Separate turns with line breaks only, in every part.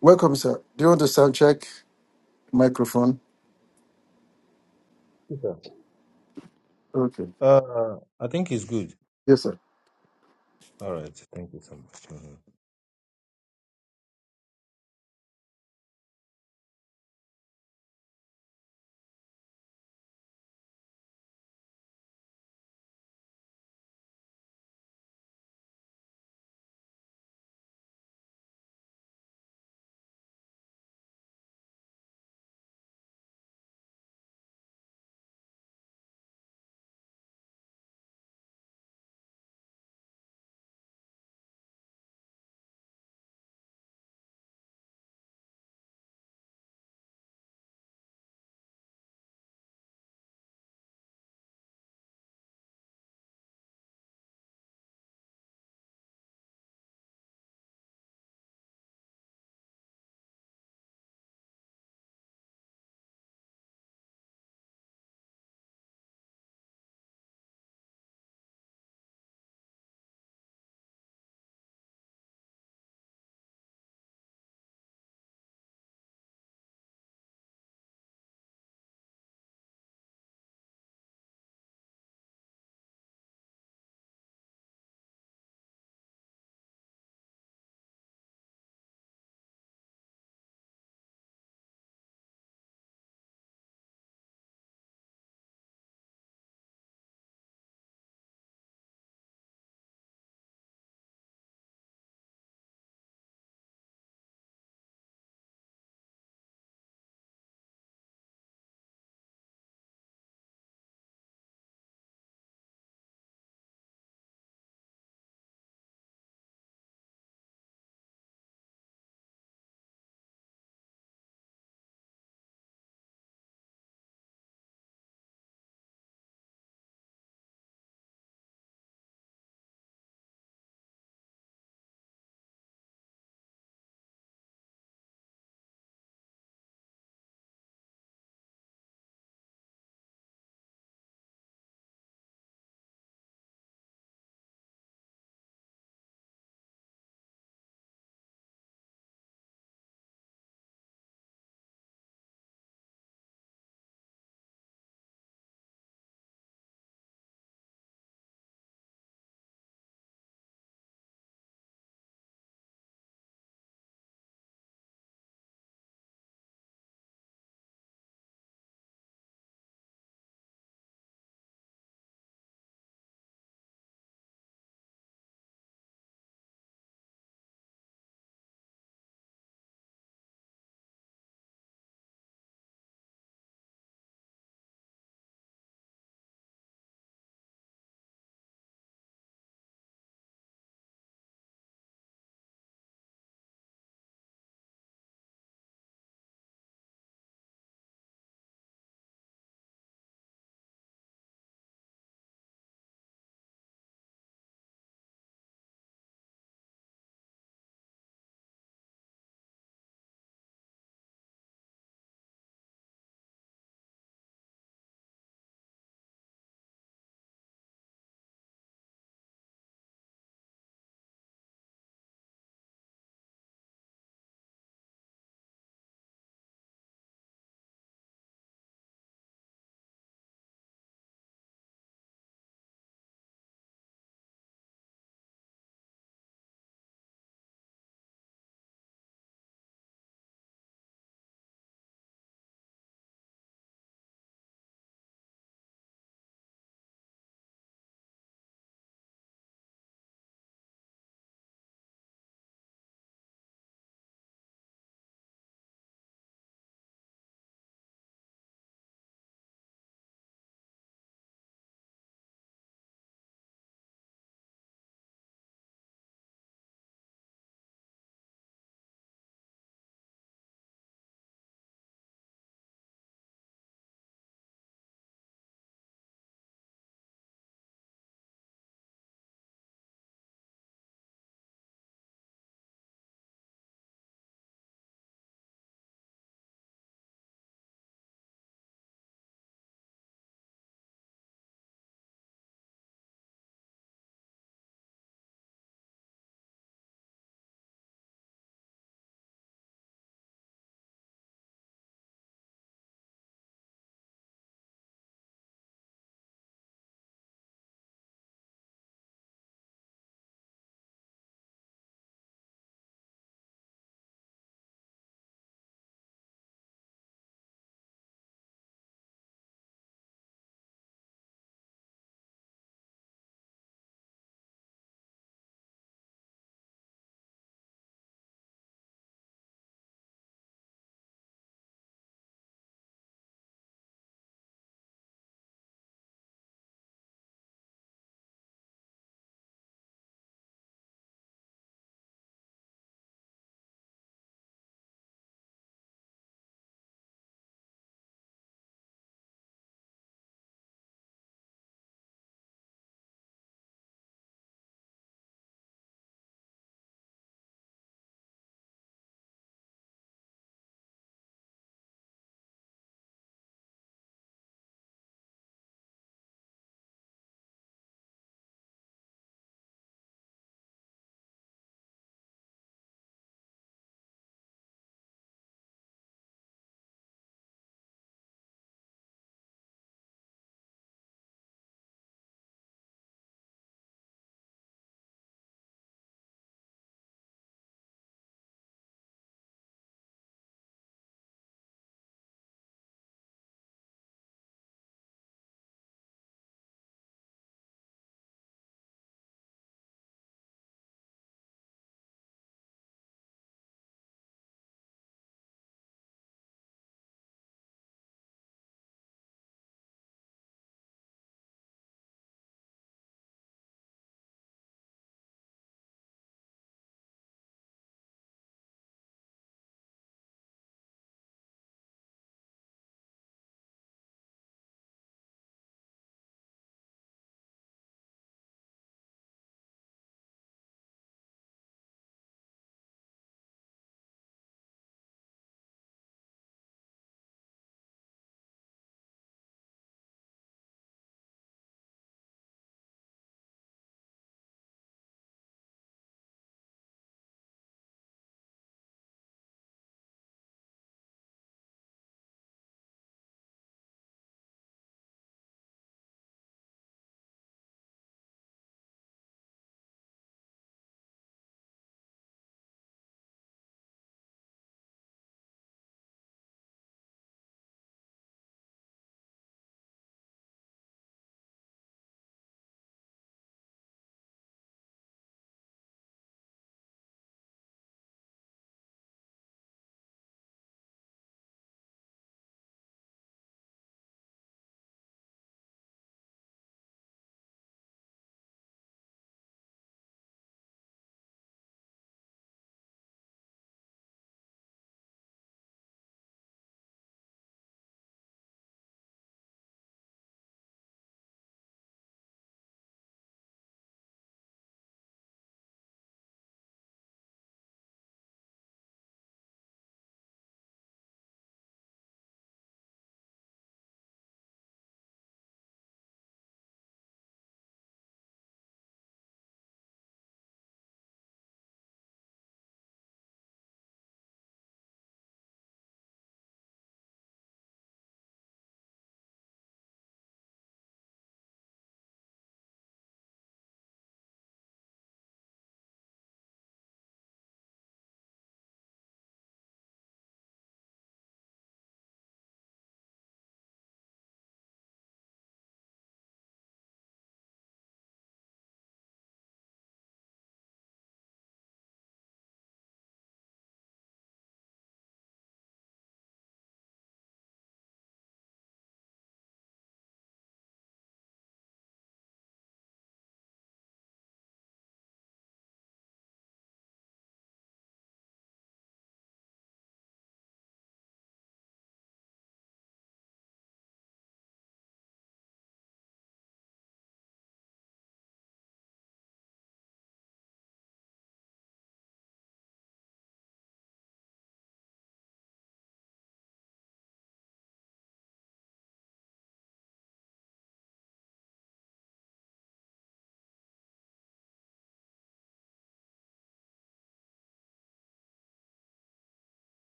Welcome, sir. Do you want to sound check microphone?
Yes, sir.
Okay.
Uh, I think it's good.
Yes, sir.
All right. Thank you so much. Mhm.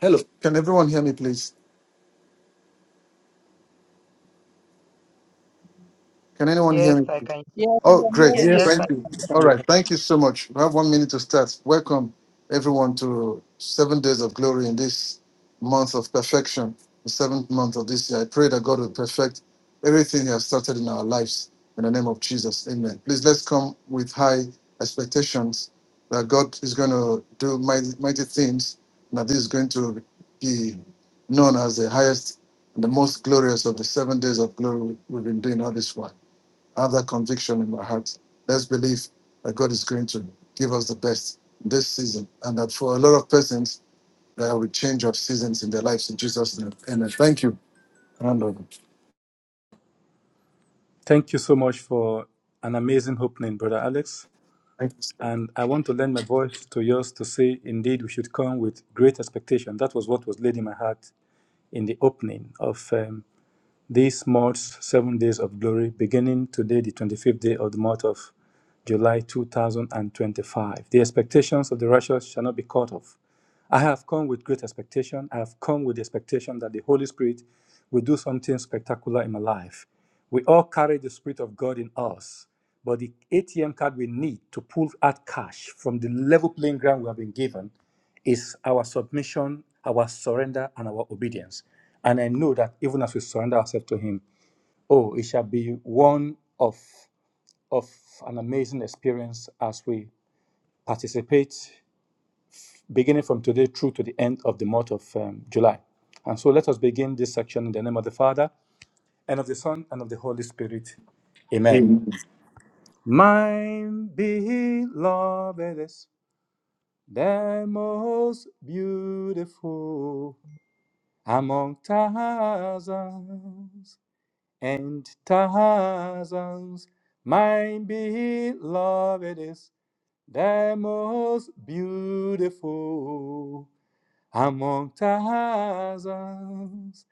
Hello. Can everyone hear me, please? Can anyone
Yes,
hear me?
I can.
Yes, we
Oh,
are.
Yeah.
hear
great.
you.
Yes,
Yes.
I
Thank you. All right. Thank you so much. We have one minute to start. Welcome, everyone, to seven days of glory in this month of perfection, the seventh month of this year. I pray that God will perfect everything He has started in our lives in the name of Jesus. Amen. Please let's come with high expectations that God is going to do mighty, mighty things, and that this is going to be known as the highest and the most glorious of the seven days of glory we've been doing all this while. I have that conviction in my heart. Let's believe that God is going to give us the best this season, and that for a lot of persons, there will be change of seasons in their lives in Jesus' name. Amen. Thank you. Hand over.
Thank you so much for an amazing opening, Brother Alex.
Thank you. sir.
And I want to lend my voice to yours to say, indeed, we should come with great expectation. That was what was laid in my heart in the opening of um, This marks seven days of glory, beginning today, the 25th day of the month of July 2025. The expectations of the righteous shall not be cut off. I have come with great expectation. I have come with the expectation that the Holy Spirit will do something spectacular in my life. We all carry the Spirit of God in us, but the ATM card we need to pull out cash from the level playing ground we have been given is our submission, our surrender, and our obedience. And I know that even as we surrender ourselves to Him, oh, it shall be one of, of an amazing experience as we participate, beginning from today through to the end of the month of um, July. And so let us begin this section in the name of the Father, and of the Son, and of the Holy Spirit. Amen.
Amen.
Mine beloved is the most beautiful Among thousands and thousands, my beloved is the most beautiful. Among thousands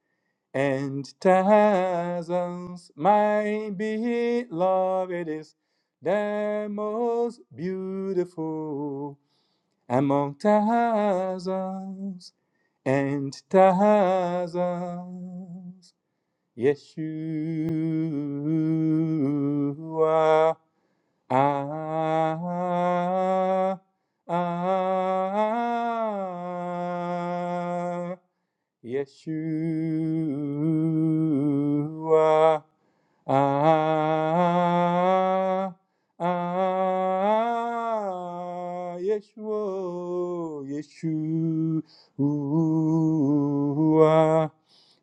and thousands, my beloved is the most beautiful among thousands and thousands. Yeshua, ah, ah, ah, Yeshua. Ah, ah, ah, Yeshua, Yeshua.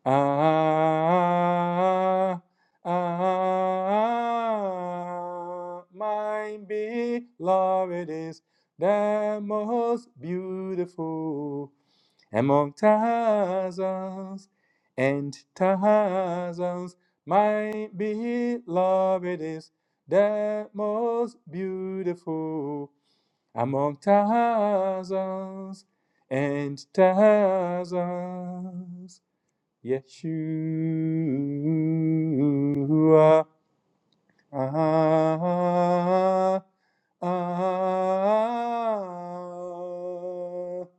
Ah, ah, ah. my beloved is the most beautiful. Among thousands and thousands, my beloved is the most beautiful. Among thousands and thousands, Yeshua. Ah, ah, ah.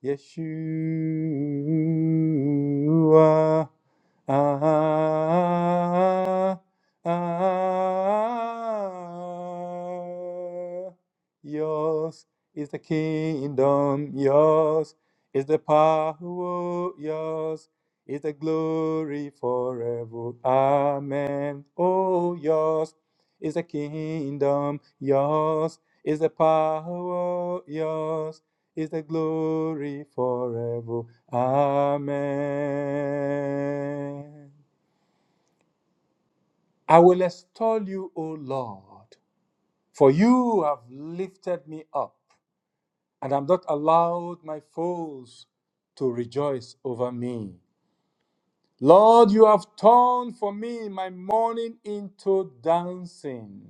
Yeshua. Ah, ah, ah. yours is the kingdom, yours is the power, yours is the glory forever. Amen. Oh, yours is the kingdom, yours is the power, yours is the glory forever. Amen. I will extol you, O Lord, for you have lifted me up, and I've not allowed my foes to rejoice over me. Lord, you have turned for me my mourning into dancing.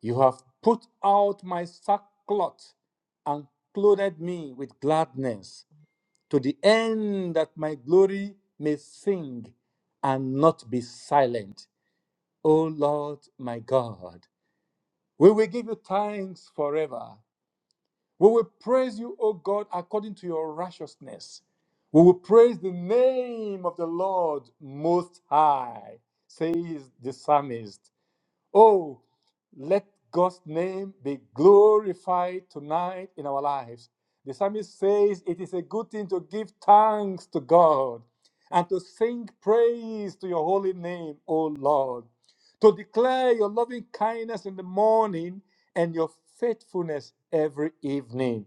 You have put out my sackcloth and clothed me with gladness to the end that my glory may sing and not be silent. O Lord my God, we will give you thanks forever. We will praise you, O God, according to your righteousness. We will praise the name of the Lord most high, says the psalmist. Oh, let God's name be glorified tonight in our lives. The psalmist says it is a good thing to give thanks to God and to sing praise to your holy name, O Lord, to declare your loving kindness in the morning and your faithfulness every evening.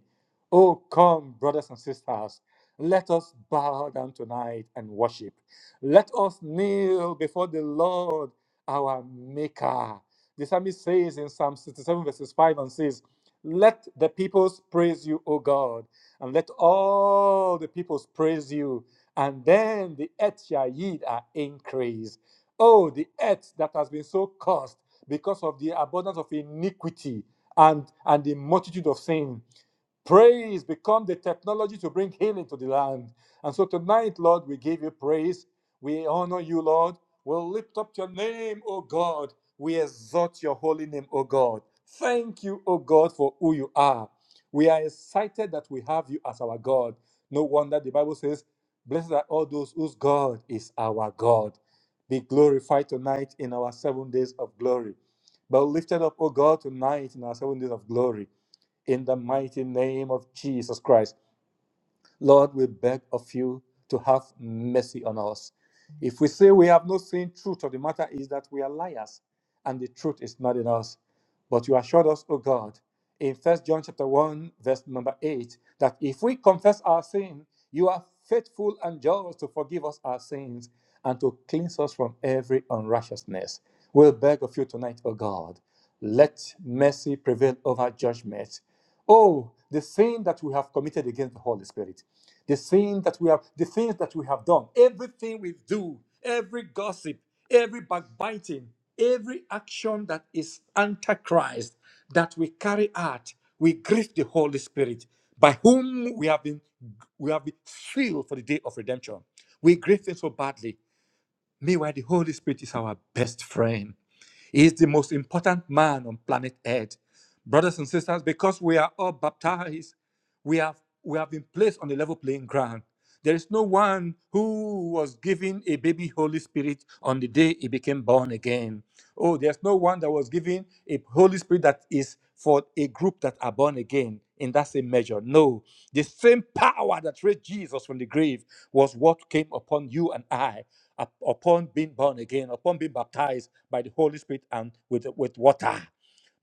Oh, come, brothers and sisters, let us bow down tonight and worship. Let us kneel before the Lord our Maker. The psalmist says in Psalm 67, verses 5 and says, Let the peoples praise you, O God, and let all the peoples praise you, and then the earth shall yield our increase. Oh, the earth that has been so cursed because of the abundance of iniquity and, and the multitude of sin. Praise become the technology to bring healing to the land. And so tonight, Lord, we give you praise. We honor you, Lord. We'll lift up your name, O God. We exalt your holy name, O God. Thank you, O God, for who you are. We are excited that we have you as our God. No wonder the Bible says, Blessed are all those whose God is our God. Be glorified tonight in our seven days of glory. But lifted up, O God, tonight in our seven days of glory in the mighty name of Jesus Christ. Lord, we beg of you to have mercy on us. If we say we have not seen truth of the matter is that we are liars and the truth is not in us. But you assured us, O God, in First John chapter 1, verse number 8, that if we confess our sin, you are faithful and just to forgive us our sins and to cleanse us from every unrighteousness. We'll beg of you tonight, O God, let mercy prevail over judgment. Oh, the sin that we have committed against the Holy Spirit the thing that we have the things that we have done everything we do every gossip every backbiting every action that is antichrist that we carry out we grieve the holy spirit by whom we have been we have been sealed for the day of redemption we grieve him so badly meanwhile the holy spirit is our best friend he is the most important man on planet Earth. Brothers and sisters, because we are all baptized, we have, we have been placed on a level playing ground. There is no one who was given a baby Holy Spirit on the day he became born again. Oh, there's no one that was given a Holy Spirit that is for a group that are born again in that same measure. No, the same power that raised Jesus from the grave was what came upon you and I up- upon being born again, upon being baptized by the Holy Spirit and with, with water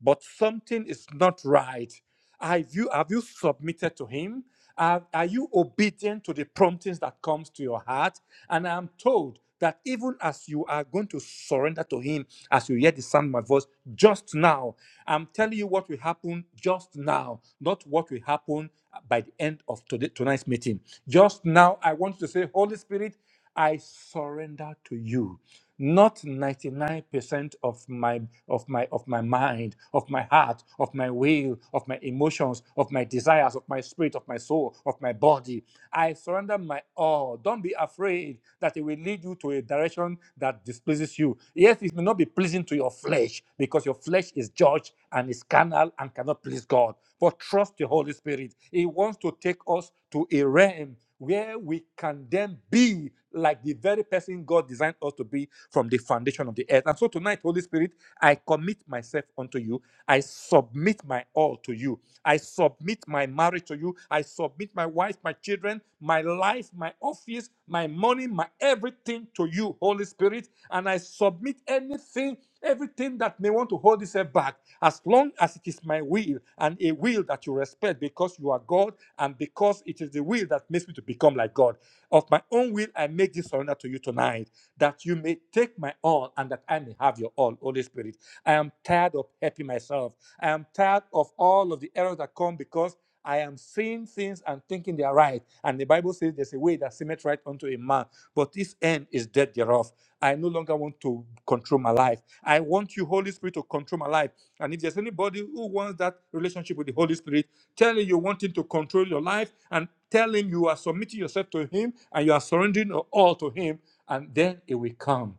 but something is not right. Have you, have you submitted to Him? Are, are you obedient to the promptings that comes to your heart? And I'm told that even as you are going to surrender to Him, as you hear the sound of my voice just now, I'm telling you what will happen just now, not what will happen by the end of today, tonight's meeting. Just now, I want you to say, Holy Spirit. I surrender to you. Not 99% of my of my of my mind, of my heart, of my will, of my emotions, of my desires, of my spirit, of my soul, of my body. I surrender my all. Don't be afraid that it will lead you to a direction that displeases you. Yes, it may not be pleasing to your flesh because your flesh is judged and is carnal and cannot please God. But trust the Holy Spirit. He wants to take us to a realm where we can then be like the very person God designed us to be from the foundation of the earth. And so tonight, Holy Spirit, I commit myself unto you. I submit my all to you. I submit my marriage to you. I submit my wife, my children, my life, my office, my money, my everything to you, Holy Spirit. And I submit anything, everything that may want to hold itself back, as long as it is my will and a will that you respect because you are God and because it is the will that makes me to become like God. Of my own will, I make this surrender to you tonight that you may take my all and that I may have your all, Holy Spirit. I am tired of helping myself. I am tired of all of the errors that come because I am seeing things and thinking they are right. And the Bible says there's a way that seemeth right unto a man, but this end is death thereof. I no longer want to control my life. I want you, Holy Spirit, to control my life. And if there's anybody who wants that relationship with the Holy Spirit, tell him you want him to control your life and tell him you are submitting yourself to him and you are surrendering all to him, and then it will come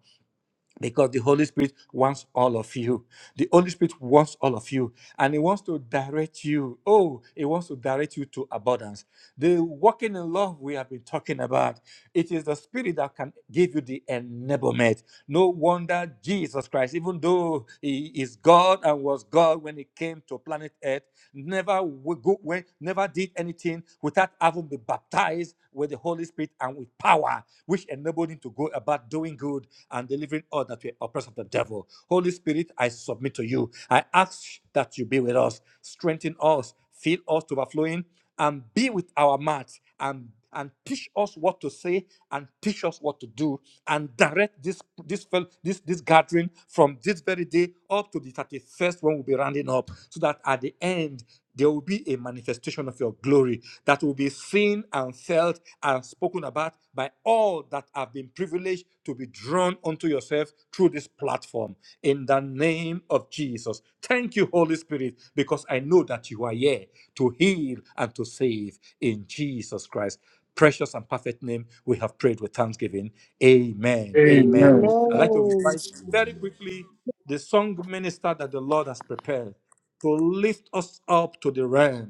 because the Holy Spirit wants all of you. The Holy Spirit wants all of you, and He wants to direct you. Oh, He wants to direct you to abundance. The walking in love we have been talking about, it is the Spirit that can give you the enablement. No wonder Jesus Christ, even though He is God and was God when He came to planet Earth, never we go when never did anything without having been baptized with the Holy Spirit and with power, which enabled him to go about doing good and delivering all that were oppressed of the devil. Holy Spirit, I submit to you. I ask that you be with us, strengthen us, fill us to overflowing and be with our mouths and and teach us what to say and teach us what to do and direct this this fel- this this gathering from this very day up to the 31st when we'll be rounding up so that at the end there will be a manifestation of your glory that will be seen and felt and spoken about by all that have been privileged to be drawn unto your yourself through this platform in the name of Jesus. Thank you, Holy Spirit, because I know that you are here to heal and to save in Jesus Christ. Precious and perfect name, we have prayed with thanksgiving. Amen. Amen.
can.
Amen.
I'd like to
Amen.
invite very quickly the song minister that the Lord has prepared to lift us up to the realm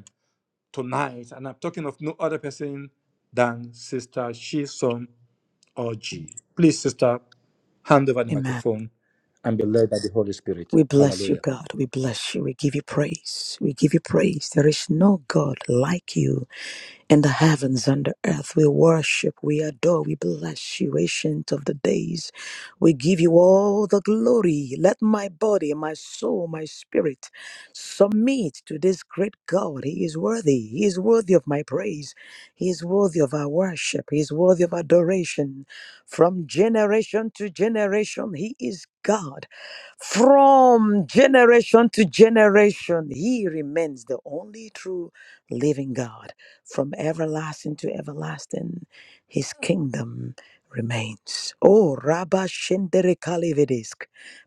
tonight, and I'm talking of no other person than Sister Shison Oji. Please, Sister, hand over the
Amen.
microphone and be led by the Holy Spirit.
We bless you,
Hallelujah.
God. We bless you. We give you praise. We give you praise. There is no God like you in the heavens and the earth. We worship, we adore, we bless you, ancient of the days. We give you all the glory. Let my body, my soul, my spirit submit to this great God. He is worthy. He is worthy of my praise. He is worthy of our worship. He is worthy of adoration. From generation to generation, He is God. From generation to generation, he remains the only true living God. From everlasting to everlasting, his kingdom remains. Oh, Rabba Shendere Kalevedesk,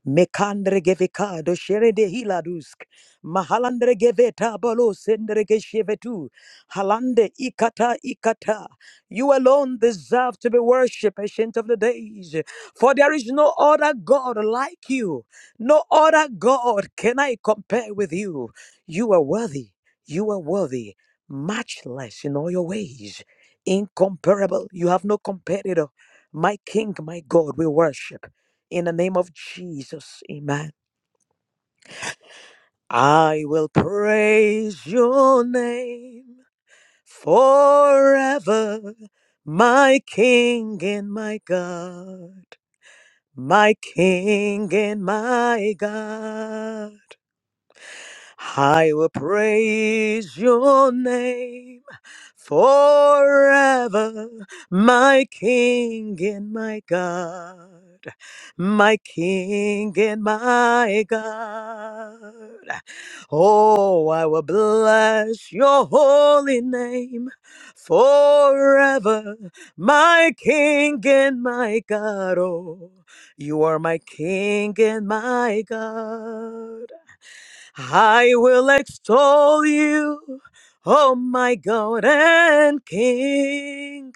Mekandre Gevikado Sherede Hiladusk, Mahalandre Geveta Balo Sendere Geshevetu, Halande Ikata Ikata. You alone deserve to be worshipped, ancient of the days, for there is no other God like you. No other God can I compare with you. You are worthy. You are worthy. Matchless in all your ways. Incomparable. You have no competitor. My King, my God, we worship. In the name of Jesus, amen. I will praise your name forever, my King and my God, my King and my God. I will praise your name forever, my King and my God, my King and my God. Oh, I will bless your holy name forever, my King and my God. Oh, you are my King and my God. I will extol you, O my God and King,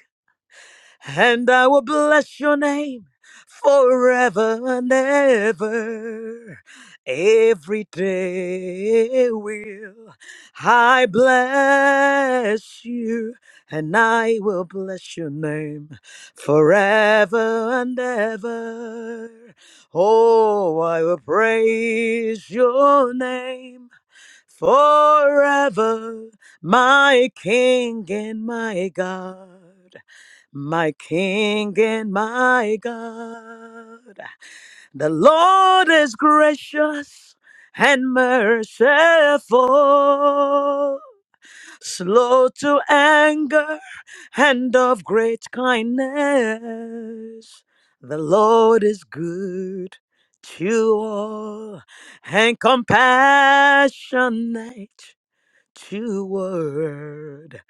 and I will bless your name forever and ever. Every day will I bless you, and I will bless your name forever and ever. Oh, I will praise your name forever, my King and my God, my King and my God. The Lord is gracious and merciful, slow to anger and of great kindness. The Lord is good to all and compassionate to word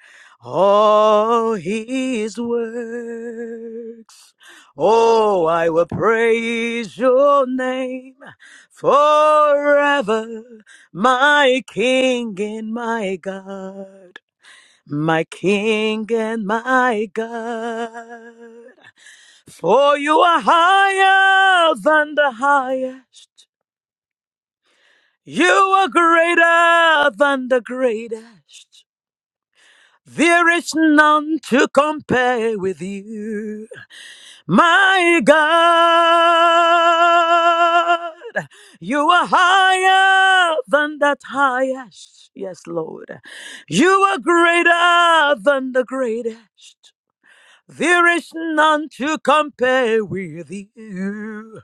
all his works. Oh, I will praise your name forever, my King and my God. My King and my God, for you are higher than the highest, you are greater than the greatest. There is none to compare with you, my God. You are higher than that highest. Yes, Lord. You are greater than the greatest. There is none to compare with you,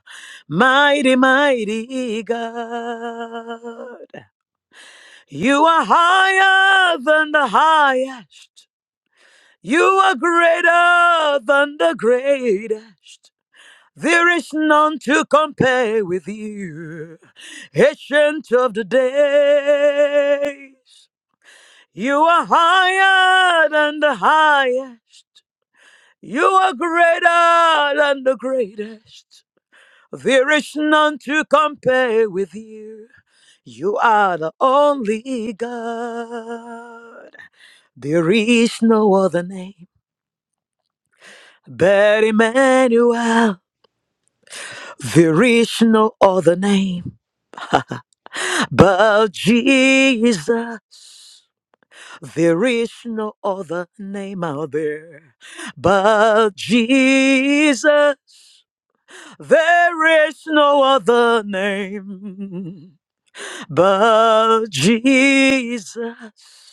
mighty, mighty God. You are higher than the highest. You are greater than the greatest. There is none to compare with you. Ancient of the days. You are higher than the highest. You are greater than the greatest. There is none to compare with you. You are the only God. There is no other name. But Emmanuel, there is no other name but Jesus. There is no other name out there but Jesus. There is no other name but Jesus.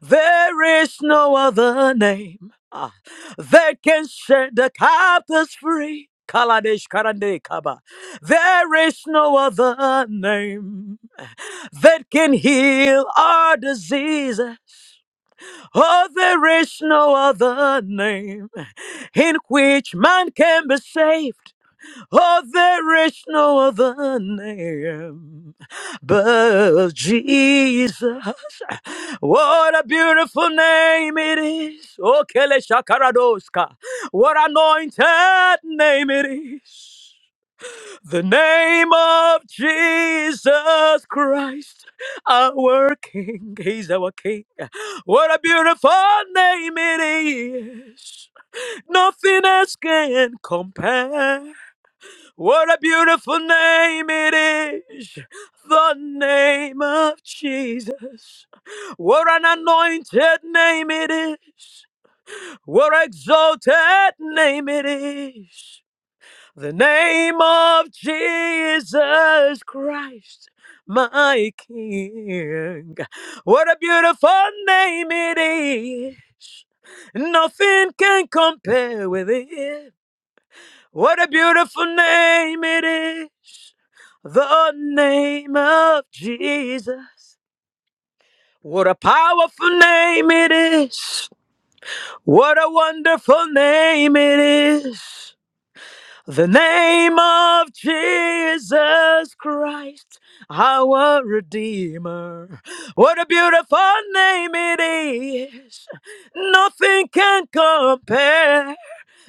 There is no other name ah, that can set the captives free. Kaladesh Karande Kaba. There is no other name that can heal our diseases. Oh, there is no other name in which man can be saved. Oh, there is no other name but Jesus. What a beautiful name it is. Oh, Kele Shakaradoska. What anointed name it is. The name of Jesus Christ, our King. He's our King. What a beautiful name it is. Nothing else can compare. What a beautiful name it is. The name of Jesus. What an anointed name it is. What an exalted name it is. The name of Jesus Christ, my King. What a beautiful name it is. Nothing can compare with it. What a beautiful name it is. The name of Jesus. What a powerful name it is. What a wonderful name it is. The name of Jesus Christ, our Redeemer. What a beautiful name it is. Nothing can compare.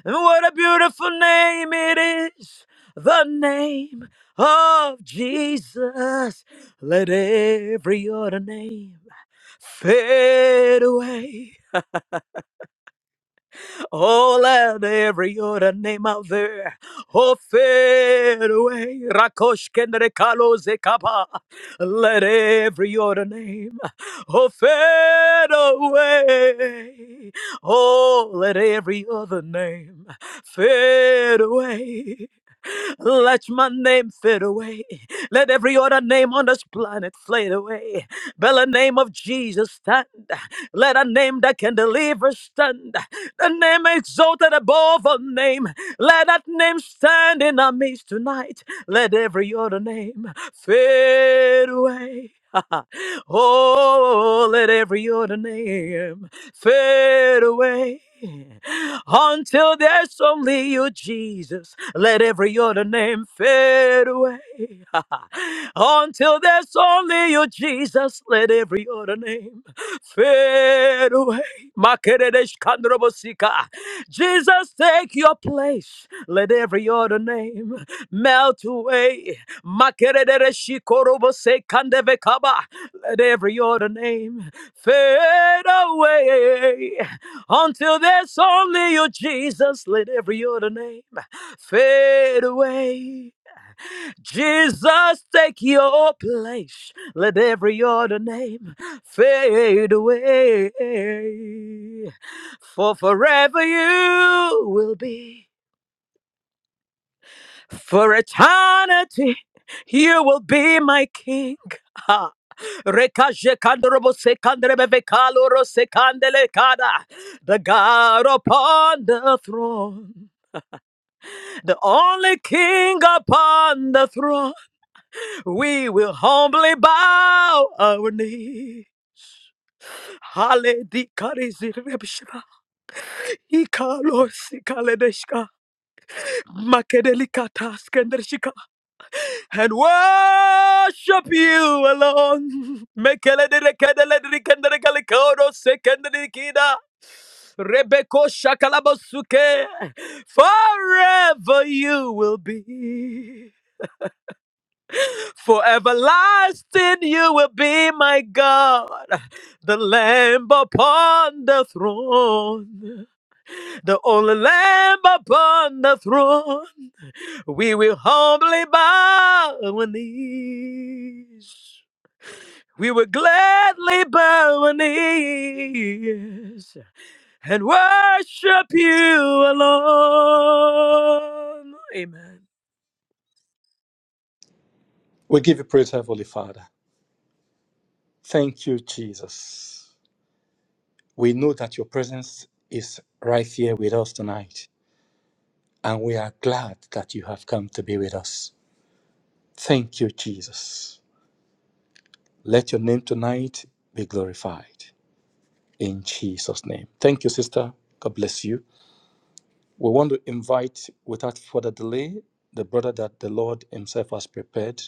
And what a beautiful name it is. The name of Jesus. Let every other name fade away. Oh, let every other name out there. Oh, fade away. Rakosh kendere kalo zekapa. Let every other name. Oh, fade away. Oh, let every other name fade away. Let my name fade away. Let every other name on this planet fade away. But the name of Jesus stand. Let a name that can deliver stand. The name exalted above all names. Let that name stand in our midst tonight. Let every other name fade away. oh, let every other name fade away. Until there's only you, Jesus. Let every other name fade away. Until there's only you, Jesus. Let every other name Fade away. Makeredesh kandrobosika. Jesus, take your place. Let every other name melt away. Makeredereshi korobose kandevekaba. Let every other name fade away. Until there's only you, Jesus. Let every other name fade away. Jesus, take your place. Let every other name fade away. For forever you will be. For eternity you will be my king. Ha. Rekaje kandrobo sekandrebe vekaloro sekandele kada. The God upon the throne. The only king upon the throne. We will humbly bow our knee. Hale di kare zirebshika. Ikalo sikaledeshka. Makedelikata And worship you alone. Mekeledikedelikenderikalikodo sekenderikida. Rebeko shakalabasuke. Forever you will be. For everlasting you will be my God, the Lamb upon the throne, the only Lamb upon the throne. We will humbly bow our knees. We will gladly bow our knees and worship you alone. Amen.
We give you praise, Heavenly Father. Thank you, Jesus. We know that your presence is right here with us tonight, and we are glad that you have come to be with us. Thank you, Jesus. Let your name tonight be glorified in Jesus' name. Thank you, sister. God bless you. We want to invite, without further delay, the brother that the Lord Himself has prepared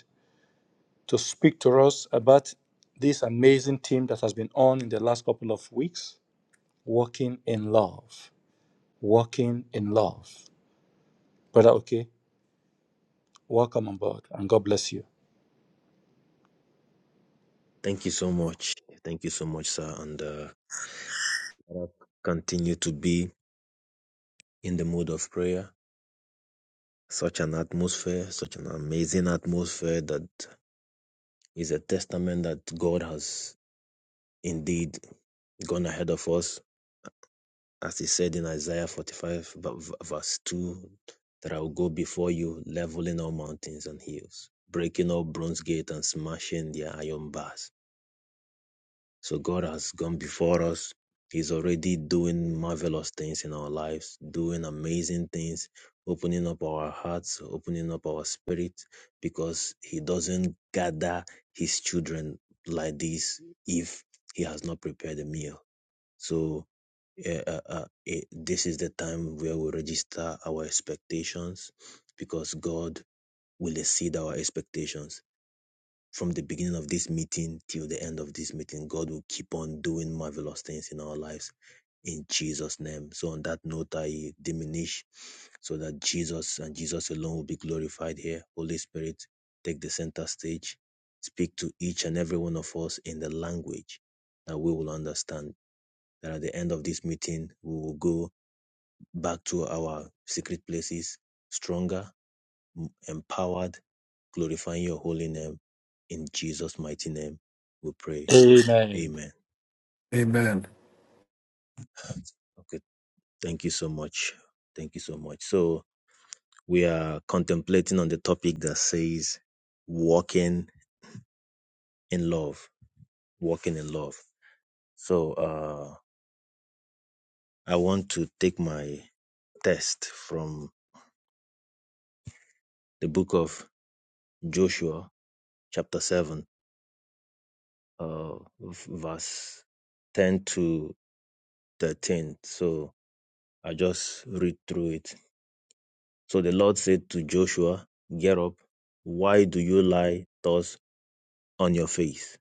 to speak to us about this amazing team that has been on in the last couple of weeks Walking in Love. Walking in Love. Brother, okay, welcome on board and God bless you.
Thank you so much. Thank you so much, sir. And uh, All right. continue to be in the mood of prayer. Such an atmosphere, such an amazing atmosphere that is a testament that God has indeed gone ahead of us. As he said in Isaiah 45, v- v- verse 2, that I will go before you, leveling all mountains and hills, breaking all bronze gates and smashing their iron bars. So God has gone before us. He's already doing marvelous things in our lives, doing amazing things, opening up our hearts, opening up our spirit, because He doesn't gather His children like this if He has not prepared a meal. So, eh, uh, uh, eh, this is the time where we register our expectations because God will exceed our expectations from the beginning of this meeting till the end of this meeting, God will keep on doing marvelous things in our lives in Jesus' name. So, on that note, I diminish so that Jesus and Jesus alone will be glorified here. Holy Spirit, take the center stage, speak to each and every one of us in the language that we will understand. That at the end of this meeting, we will go back to our secret places stronger, empowered glorifying your holy name. In Jesus' mighty name, we pray.
Amen.
Amen.
Amen.
Okay. Thank you so much. Thank you so much. So we are contemplating on the topic that says walking in love. Walking in love. So uh I want to take my test from the book of Joshua, chapter seven, uh verse ten to thirteen. So I just read through it So the Lord said to Joshua, Get up. Why do you lie thus on your face?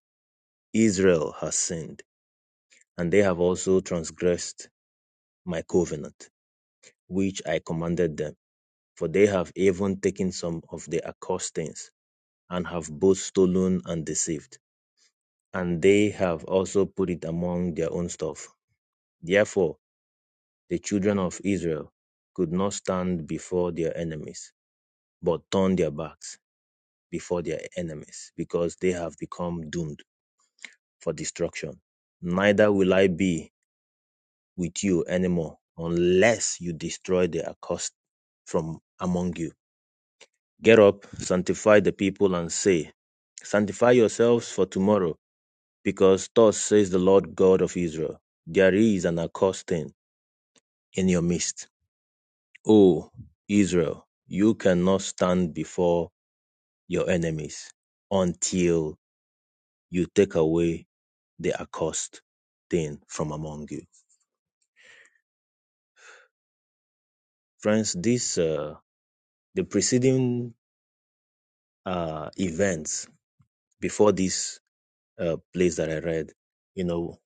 Israel has sinned, and they have also transgressed my covenant, which I commanded them. For they have even taken some of the accostings, and have both stolen and deceived. And they have also put it among their own stuff. Therefore, the children of Israel could not stand before their enemies, but turned their backs before their enemies because they have become doomed for destruction. Neither will I be with you anymore unless you destroy the accursed from among you. Get up, sanctify the people, and say, Sanctify yourselves for tomorrow, because thus says the Lord God of Israel, There is an accursed thing in your midst. O Israel, you cannot stand before your enemies until you take away the accursed thing from among you. Friends, this uh, the preceding uh, events before this uh, place that I read, you know,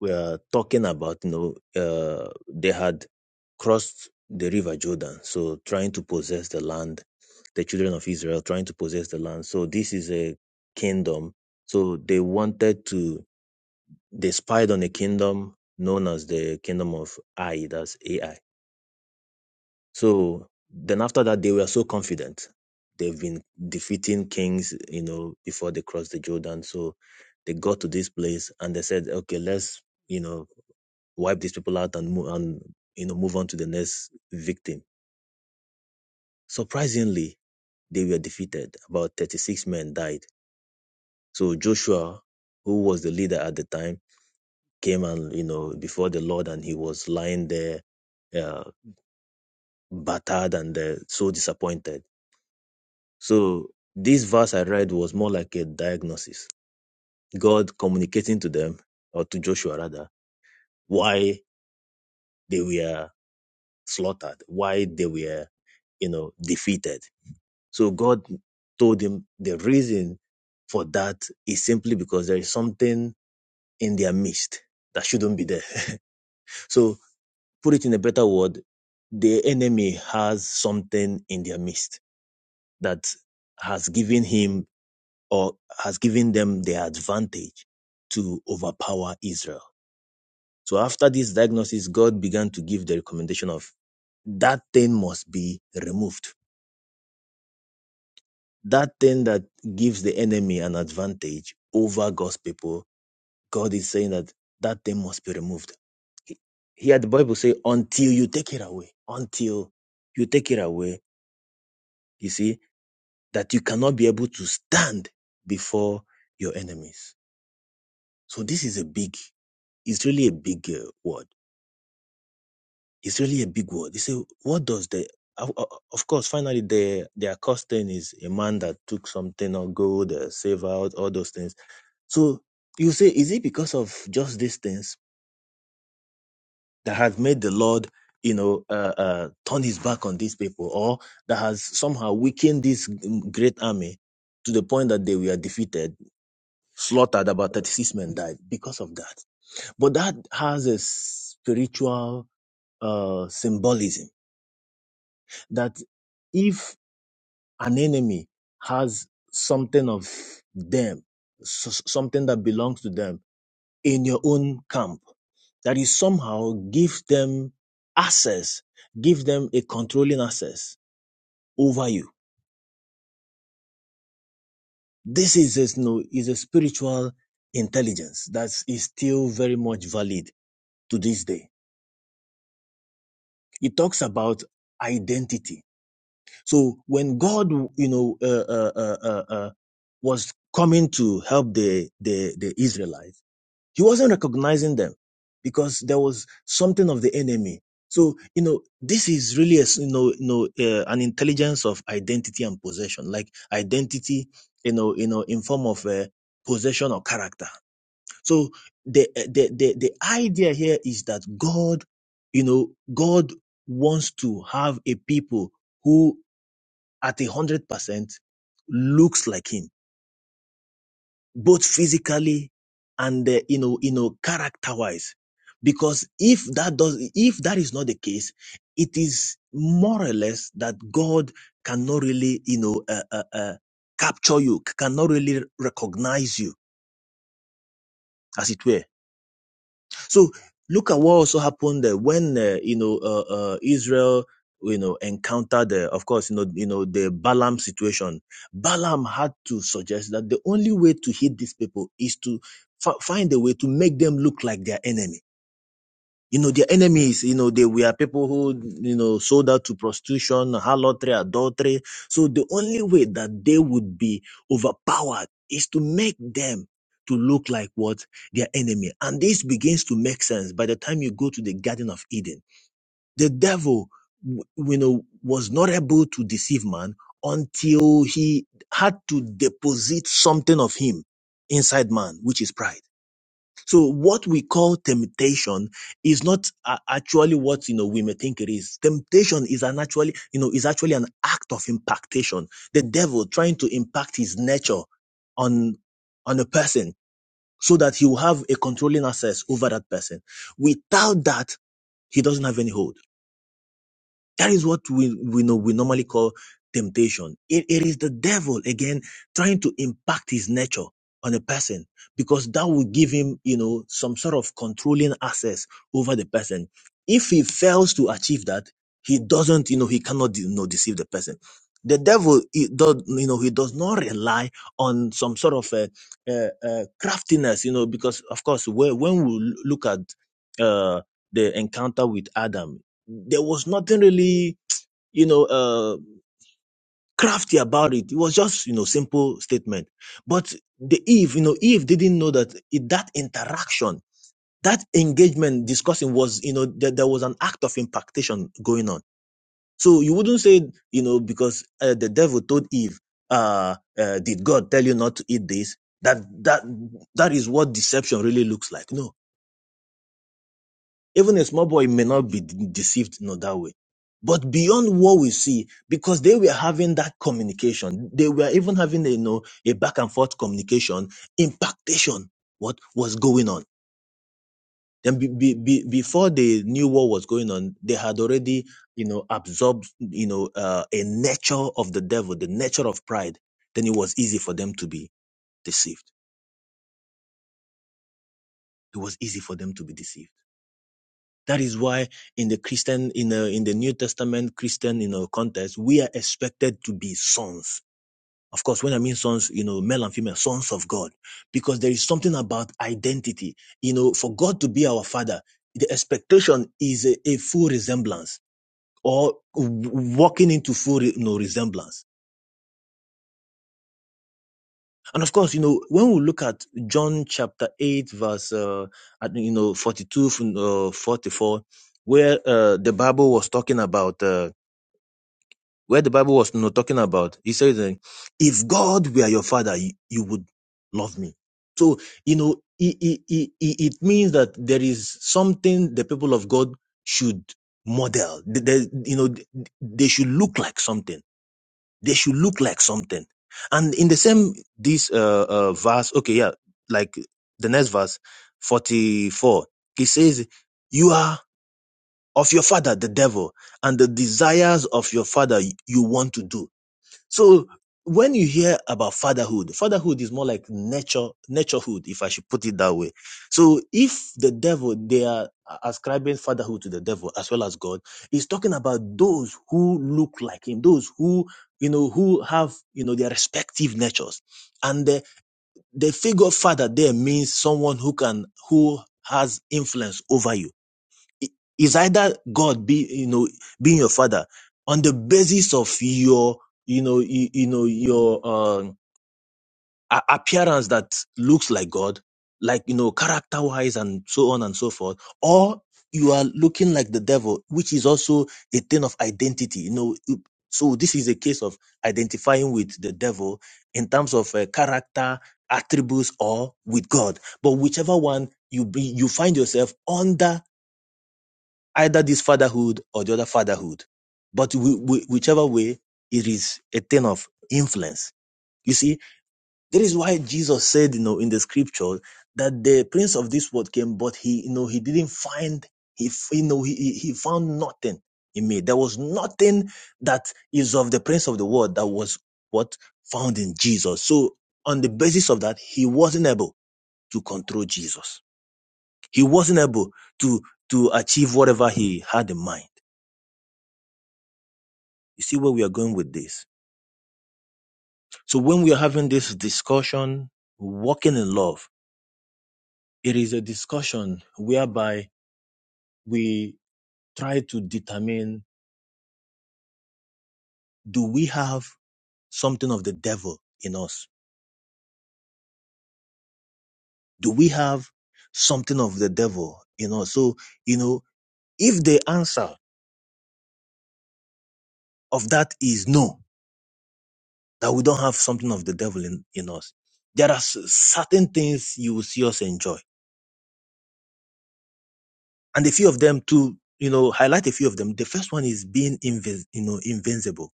we are talking about, you know, uh, they had crossed the river Jordan, so trying to possess the land, the children of Israel trying to possess the land. So this is a kingdom. So they wanted to, they spied on a kingdom known as the kingdom of Ai, that's AI So then after that, they were so confident. They've been defeating kings, you know, before they crossed the Jordan. So they got to this place and they said, okay, let's, you know, wipe these people out and move and you know move on to the next victim. Surprisingly, they were defeated. About 36 men died. So Joshua, who was the leader at the time, came and you know before the Lord and he was lying there, uh, battered and uh, so disappointed So this verse I read was more like a diagnosis. God communicating to them, or to Joshua rather, why they were slaughtered, why they were, you know, defeated. So God told him the reason for that is simply because there is something in their midst that shouldn't be there. so put it in a better word, the enemy has something in their midst that has given him or has given them the advantage to overpower Israel. So after this diagnosis, God began to give the recommendation of that thing must be removed. That thing that gives the enemy an advantage over God's people, God is saying that that thing must be removed. Here the Bible says, until you take it away, until you take it away, you see, that you cannot be able to stand before your enemies. So this is a big, it's really a big uh, word It's really a big word. They say, what does the of of- course, finally, the their costing is a man that took something or gold, uh, save out all those things. So you say, is it because of just these things that has made the Lord, you know, uh, uh, turn his back on these people, or that has somehow weakened this great army to the point that they were defeated, slaughtered? About thirty-six men died because of that. But that has a spiritual uh, symbolism that if an enemy has something of them, s- something that belongs to them in your own camp, that you somehow give them access, give them a controlling access over you. This is a, you know, is a spiritual intelligence that is still very much valid to this day. It talks about identity. So when God, you know, uh, uh, uh, uh, uh, was coming to help the, the, the Israelites, He wasn't recognizing them because there was something of the enemy. So, you know, this is really, a, s- you know, you know uh, an intelligence of identity and possession, like identity, you know, you know, in form of uh, possession or character. So the, uh, the, the, the idea here is that God, you know, God wants to have a people who at a hundred percent looks like him both physically and uh, you know you know character wise because if that does if that is not the case it is more or less that god cannot really you know uh, uh, uh, capture you cannot really recognize you as it were so look at what also happened uh, when uh, you know uh, uh, Israel you know encountered uh, of course you know you know the Balaam situation. Balaam had to suggest that the only way to hit these people is to fi- find a way to make them look like their enemy you know, their enemies, you know, they were people who, you know, sold out to prostitution, harlotry, adultery. So the only way that they would be overpowered is to make them to look like what their enemy. And this begins to make sense by the time you go to the Garden of Eden. The devil, w- you know, was not able to deceive man until he had to deposit something of him inside man, which is pride. So what we call temptation is not uh, actually what you know we may think it is. Temptation is an actually you know is actually an act of impactation. The devil trying to impact his nature on on a person so that he will have a controlling access over that person. Without that, he doesn't have any hold. That is what we, we know we normally call temptation. It, it is the devil again trying to impact his nature on a person because that will give him, you know, some sort of controlling access over the person. If he fails to achieve that, he doesn't, you know, he cannot, you know, deceive the person. The devil, he does, you know, he does not rely on some sort of uh uh uh craftiness, you know, because of course, when when we look at uh, the encounter with Adam, there was nothing really, you know, uh, crafty about it. It was just, you know, simple statement. But the Eve, you know, Eve didn't know that it, that interaction, that engagement discussing was, you know, that there was an act of impactation going on. So you wouldn't say, you know, because uh, the devil told Eve, uh, uh, did God tell you not to eat this? That, that, that is what deception really looks like. No, Even a small boy may not be de- deceived in that way. But beyond what we see, because they were having that communication, they were even having a, you know, a back and forth communication, impactation, what was going on. Then be, be, be- before they knew what was going on, they had already, you know, absorbed, you know, uh, a nature of the devil, the nature of pride. Then it was easy for them to be deceived. It was easy for them to be deceived. That is why in the Christian, in the, in the New Testament Christian, you know, context, we are expected to be sons. Of course, when I mean sons, you know, male and female, sons of God, because there is something about identity. You know, for God to be our father, the expectation is a, a full resemblance or walking into full, you know, resemblance. And of course, you know, when we look at John chapter 8, verse, uh, you know, 42, from, uh, 44, where uh, the Bible was talking about. uh, where the Bible was you know, talking about. He says, uh, if God were your father, you, you would love me. So, you know, it, it, it, it means that there is something the people of God should model. They, they- you know, they should look like something. They should look like something. And in the same, this uh, uh, verse, okay, yeah, like the next verse, 44, he says, you are of your father, the devil, and the desires of your father you want to do. So when you hear about fatherhood, fatherhood is more like nature, naturehood, if I should put it that way. So if the devil, they are ascribing fatherhood to the devil as well as God, is talking about those who look like him, those who, you know, who have, you know, their respective natures. And the, the figure of father there means someone who can, who has influence over you it- It's either God be you know being your father on the basis of your you know you, you know your um, a- appearance that looks like God, like you know character wise and so on and so forth, or you are looking like the devil, which is also a thing of identity. You know, you- so this is a case of identifying with the devil in terms of uh, character attributes or with God. But whichever one you be, you find yourself under either this fatherhood or the other fatherhood. But we, we, whichever way, it is a thing of influence. You see, that is why Jesus said, you know, in the scripture that the prince of this world came, but he, you know, he didn't find, he, you know, he he found nothing in me. There was nothing that is of the prince of the world that was what found in Jesus. So on the basis of that, he wasn't able to control Jesus. He wasn't able to, to achieve whatever he had in mind. You see where we are going with this. So when we are having this discussion, walking in love, it is a discussion whereby we try to determine, do we have something of the devil in us? Do we have something of the devil in us? So, you know, if the answer of that is no, that we don't have something of the devil in, in us, there are certain things you will see us enjoy and a few of them to you know highlight a few of them the first one is being invis- you know invincible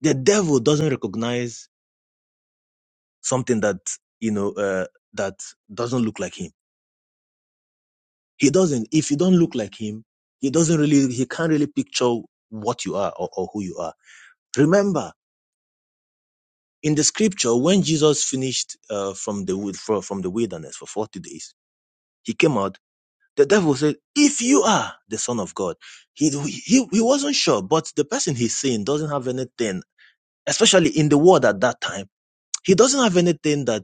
the devil doesn't recognize something that you know uh, that doesn't look like him he doesn't if you don't look like him he doesn't really he can't really picture what you are or, or who you are remember in the scripture when jesus finished uh, from the wood fro- from the wilderness for 40 days he came out the devil said if you are the son of god he, he he wasn't sure but the person he's seeing doesn't have anything especially in the world at that time, he doesn't have anything that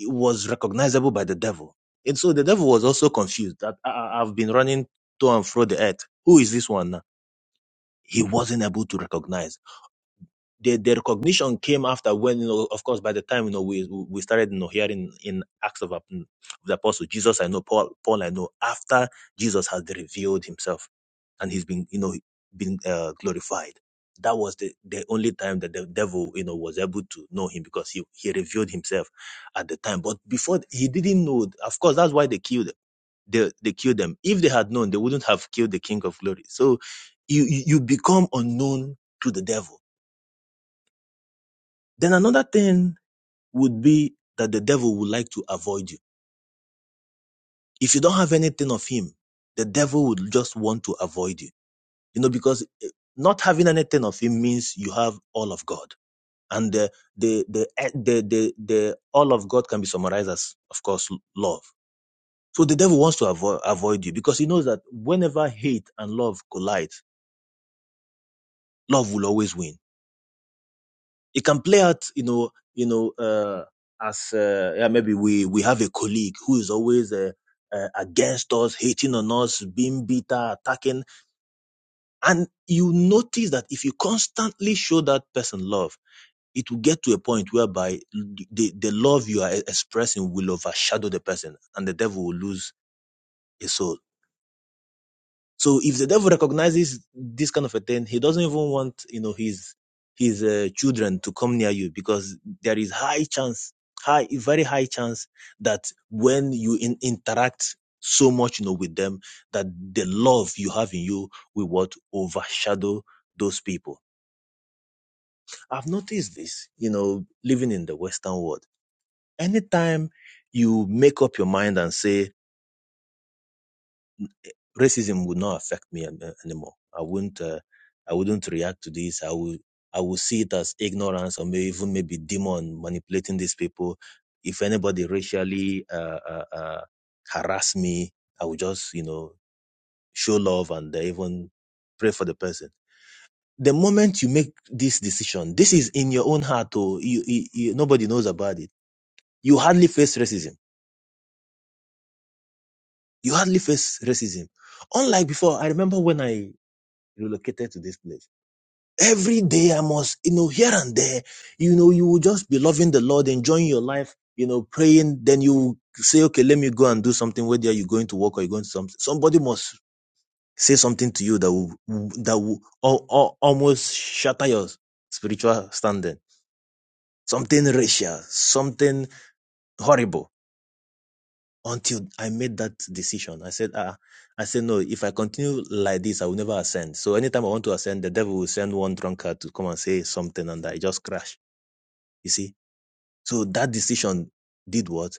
was recognizable by the devil. And so the devil was also confused that I, I- I've been running to and fro the earth. Who is this one now? He wasn't able to recognize the, the recognition came after when you know of course by the time you know we we started you know hearing in acts of Ap- the apostle jesus i know paul paul i know after jesus has revealed himself and he's been you know been uh, glorified that was the, the only time that the devil you know was able to know him because he, he revealed himself at the time but before he didn't know of course that's why they killed they, they killed them if they had known they wouldn't have killed the king of glory so you you you become unknown to the devil then another thing would be that the devil would like to avoid you. If you don't have anything of him, the devil would just want to avoid you. You know, because eh, not having anything of him means you have all of God. And the, the, the, eh, the, the, the all of God can be summarized as, of course, l- love. So the devil wants to avoid, avoid you because he knows that whenever hate and love collide, love will always win. It can play out, you know, you know, uh, as uh, yeah, maybe we we have a colleague who is always uh, uh, against us, hating on us, being bitter, attacking, and you notice that if you constantly show that person love, it will get to a point whereby the the love you are expressing will overshadow the person, and the devil will lose his soul. So if the devil recognizes this kind of a thing, he doesn't even want you know his his uh, children to come near you because there is high chance, high very high chance that when you in, interact so much you know with them, that the love you have in you will what overshadow those people. I've noticed this, you know, living in the Western world. Anytime you make up your mind and say racism would not affect me an- uh, anymore. I wouldn't. Uh, I wouldn't react to this. I would. I would see it as ignorance or maybe even maybe demon manipulating these people. If anybody racially uh, uh, uh, harass me, I would just you know show love and uh, even pray for the person. The moment you make this decision, this is in your own heart. Oh, you, you, you, nobody knows about it. You hardly face racism. You hardly face racism. Unlike before, I remember when I relocated to this place every day I must, you know, here and there, you know, you will just be loving the Lord, enjoying your life, you know, praying. Then you say, okay, let me go and do something. Whether you're going to work or you're going to something, somebody must say something to you that will that will al- al- almost shatter your spiritual standing. Something racial, something horrible. Until I made that decision, I said, ah, I said no. If I continue like this, I will never ascend. So anytime I want to ascend, the devil will send one drunkard to come and say something, and I just crash. You see, so that decision did what?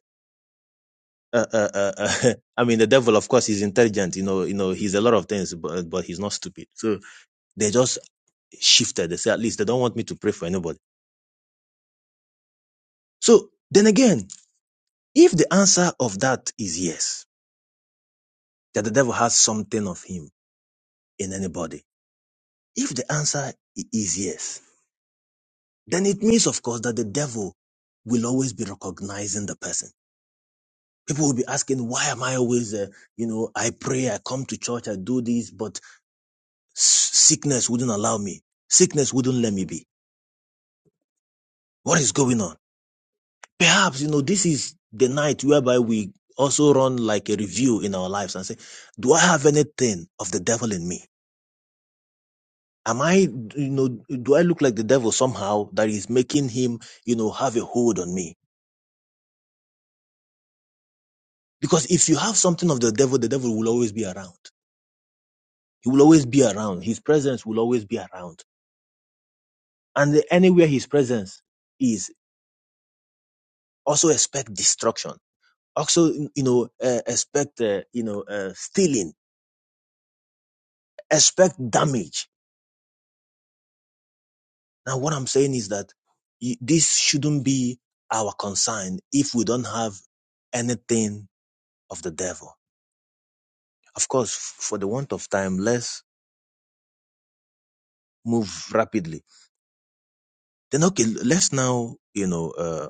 Uh, uh, uh, uh, I mean, the devil, of course, is intelligent. You know, you know, he's a lot of things, but but he's not stupid. So they just shifted. They say at least they don't want me to pray for anybody. So then again, if the answer of that is yes, that the devil has something of him in anybody, if the answer i- is yes, then it means, of course, that the devil will always be recognizing the person. People will be asking, why am I always, uh, you know, I pray, I come to church, I do this, but sickness wouldn't allow me. Sickness wouldn't let me be. What is going on? Perhaps, you know, this is the night whereby we also run like a review in our lives and say, do I have anything of the devil in me? Am I, you know, do I look like the devil somehow that is making him, you know, have a hold on me? Because if you have something of the devil, the devil will always be around. He will always be around. His presence will always be around. And anywhere his presence is, also expect destruction also you know uh, expect uh, you know uh, stealing expect damage now what i'm saying is that y- this shouldn't be our concern if we don't have anything of the devil of course f- for the want of time let's move rapidly then okay let's now you know uh,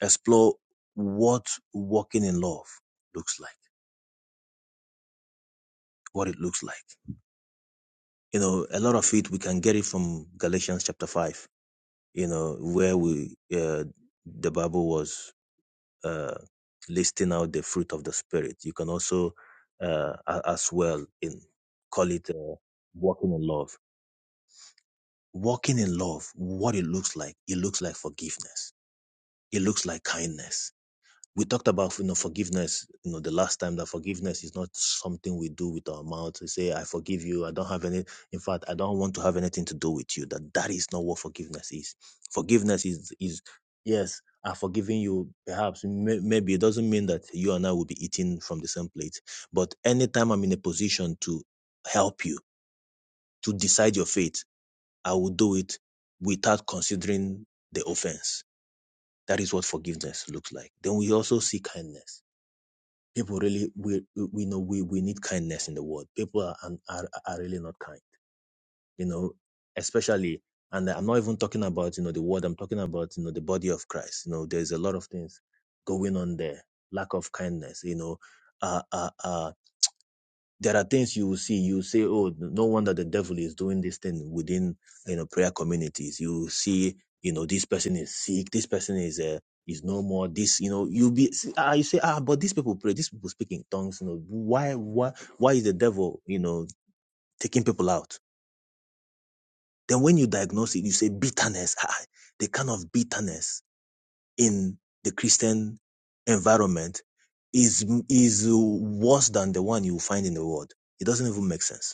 explore what walking in love looks like what it looks like you know a lot of it we can get it from galatians chapter 5 you know, where we uh, the Bible was uh, listing out the fruit of the Spirit. You can also, uh, a- as well, in call it uh, walking in love. Walking in love, what it looks like, it looks like forgiveness. It looks like kindness we talked about you know forgiveness you know the last time that forgiveness is not something we do with our mouth we say i forgive you i don't have any in fact i don't want to have anything to do with you that that is not what forgiveness is forgiveness is is yes i've forgiven you perhaps may, maybe it doesn't mean that you and i will be eating from the same plate but anytime i'm in a position to help you to decide your fate i will do it without considering the offense that is what forgiveness looks like then we also see kindness People really we we know we, we need kindness in the world. People are, are are really not kind, you know, especially and I'm not even talking about, you know, the world, I'm talking about, you know, the body of Christ. You know, there's a lot of things going on there. Lack of kindness, you know. uh, uh, uh there are things you will see. You say, "Oh, no no wonder the devil is doing this thing within you know prayer communities." You see, you know, this person is sick. This person is uh, is no more. This, you know, you be see, ah, you say, "Ah, but these people pray. These people speak in tongues. You know, why, why, why is the devil, you know, taking people out?" Then when you diagnose it, you say bitterness. Ah, the kind of bitterness in the Christian environment is is worse than the one you find in the world. It doesn't even make sense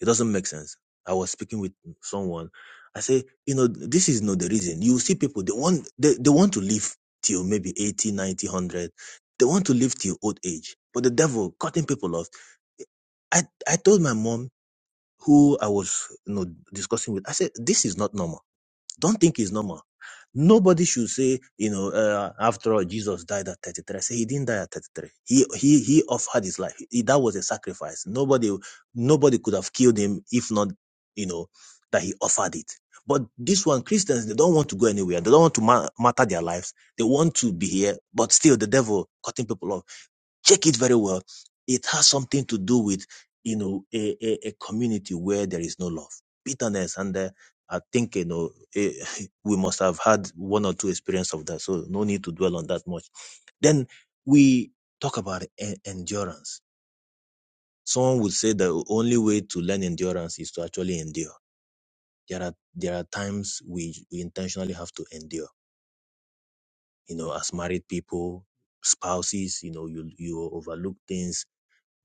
It doesn't make sense. I was speaking with someone. I say, you know, this is not the reason. You see people, they want, they, they want to live till maybe 80, ninety, one hundred. They want to live till old age. But the devil cutting people off. I, I told my mom who I was, you know, discussing with, I said, this is not normal don't think it's normal. Nobody should say, you know, uh, after all, Jesus died at 33. I Say he didn't die at 33. He he he offered his life. He- that was a sacrifice. Nobody nobody could have killed him if not, you know, that he offered it. But this one, Christians, they don't want to go anywhere. They don't want to ma- matter their lives. They want to be here, but still the devil cutting people off check it very well. It has something to do with, you know, a, a, a community where there is no love, bitterness. And uh, I think, you know, eh, we must have had one or two experience of that. So no need to dwell on that much. Then we talk about e- endurance. Someone would say the only way to learn endurance is to actually endure. There are, there are times we, we intentionally have to endure, you know, as married people, spouses, you know, you, you overlook things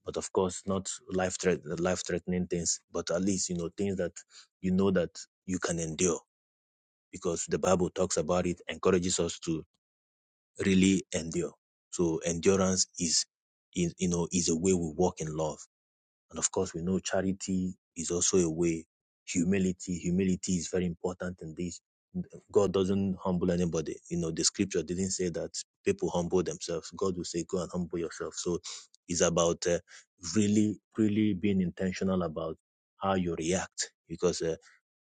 but of course not life threat life threatening things but at least you know things that you know that you can endure because the bible talks about it encourages us to really endure so endurance is is you know is a way we walk in love and of course, we know charity is also a way. Humility, humility is very important in this. God doesn't humble anybody. You know, the scripture didn't say that people humble themselves. God will say, go and humble yourself. So it's about uh, really, really being intentional about how you react because, uh,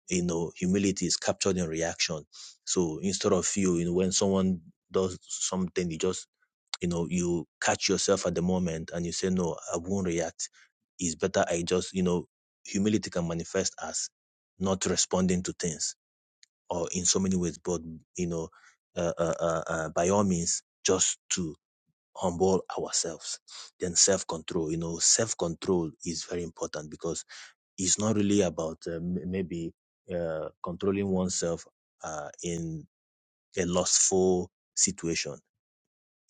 you know, humility is captured in reaction. So instead of you, you know, when someone does something, you just you know you catch yourself at the moment and you say no i won't react it's better i just you know humility can manifest as not responding to things or in so many ways but you know uh, uh, uh, uh, by all means just to humble ourselves then self-control you know self-control is very important because it's not really about uh, m- maybe uh, controlling oneself uh, in a lustful situation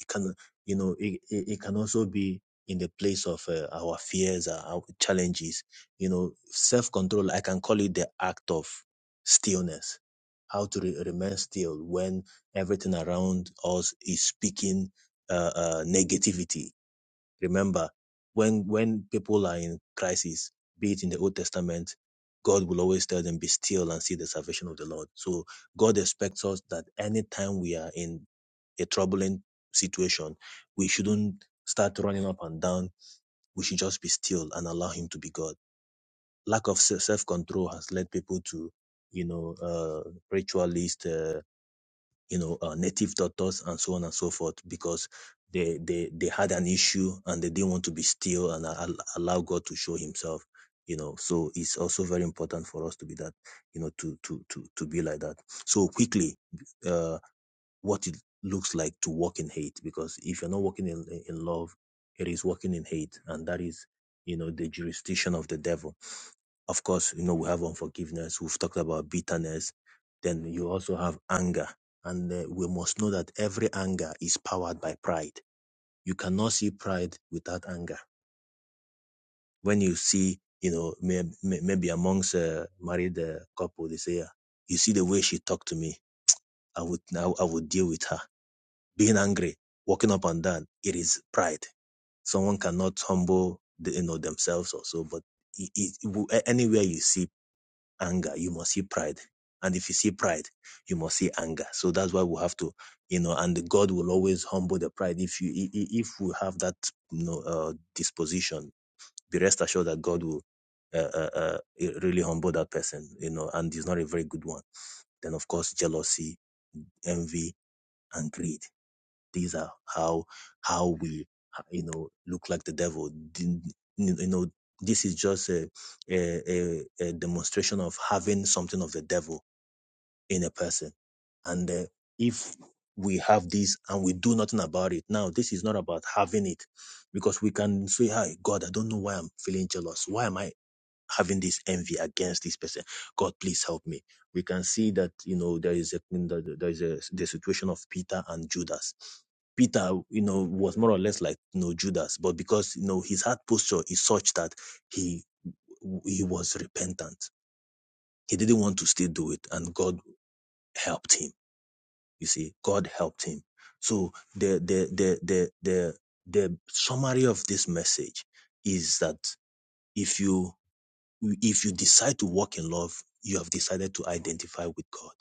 it can, you know, it, it, it can also be in the place of uh, our fears, uh, our challenges. You know, self control, I can call it the act of stillness. How to re- remain still when everything around us is speaking uh, uh, negativity Remember, when when people are in crisis, be it in the Old Testament, God will always tell them, "Be still and see the salvation of the Lord." So God expects us that anytime we are in a troubling situation, we shouldn't start running up and down. We should just be still and allow Him to be God. Lack of self control has led people to, you know, uh, ritualist. uh, you know, uh, native doctors and so on and so forth because they, they, they had an issue and they didn't want to be still and al- allow God to show himself, you know. So it's also very important for us to be that, you know, to, to, to, to be like that. So quickly, uh, what it looks like to walk in hate because if you're not walking in, in love, it is walking in hate and that is, you know, the jurisdiction of the devil of course, you know, we have unforgiveness. We've talked about bitterness. Then you also have anger. And uh, we must know that every anger is powered by pride. You cannot see pride without anger. When you see, you know, may, may, maybe amongst a married uh, couple, they say, uh, you see the way she talked to me. I would now, I would deal with her. Being angry, walking up and down, it is pride. Someone cannot humble, the, you know, themselves or so, but it, it, anywhere you see anger, you must see pride. And if you see pride, you must see anger. So that's why we have to, you know, and God will always humble the pride. If you, i- i- if we have that, you know, uh, disposition, be rest assured that God will uh, uh, uh, really humble that person, you know, and he's not a very good one. Then of course, jealousy, envy, and greed. These are how, how we, you know, look like the devil. Din- You know, this is just a, a, a, a demonstration of having something of the devil in a person. And uh, if we have this and we do nothing about it, now this is not about having it because we can say, Hi, God, I don't know why I'm feeling jealous. Why am I having this envy against this person? God, please help me. We can see that, you know, there is a, there is a, the situation of Peter and Judas. Peter, you know, was more or less like you know Judas, but because you know his heart posture is such that he he was repentant. He didn't want to still do it, and God helped him you see, God helped him. So the the the the the the summary of this message is that if you if you decide to walk in love, you have decided to identify with God.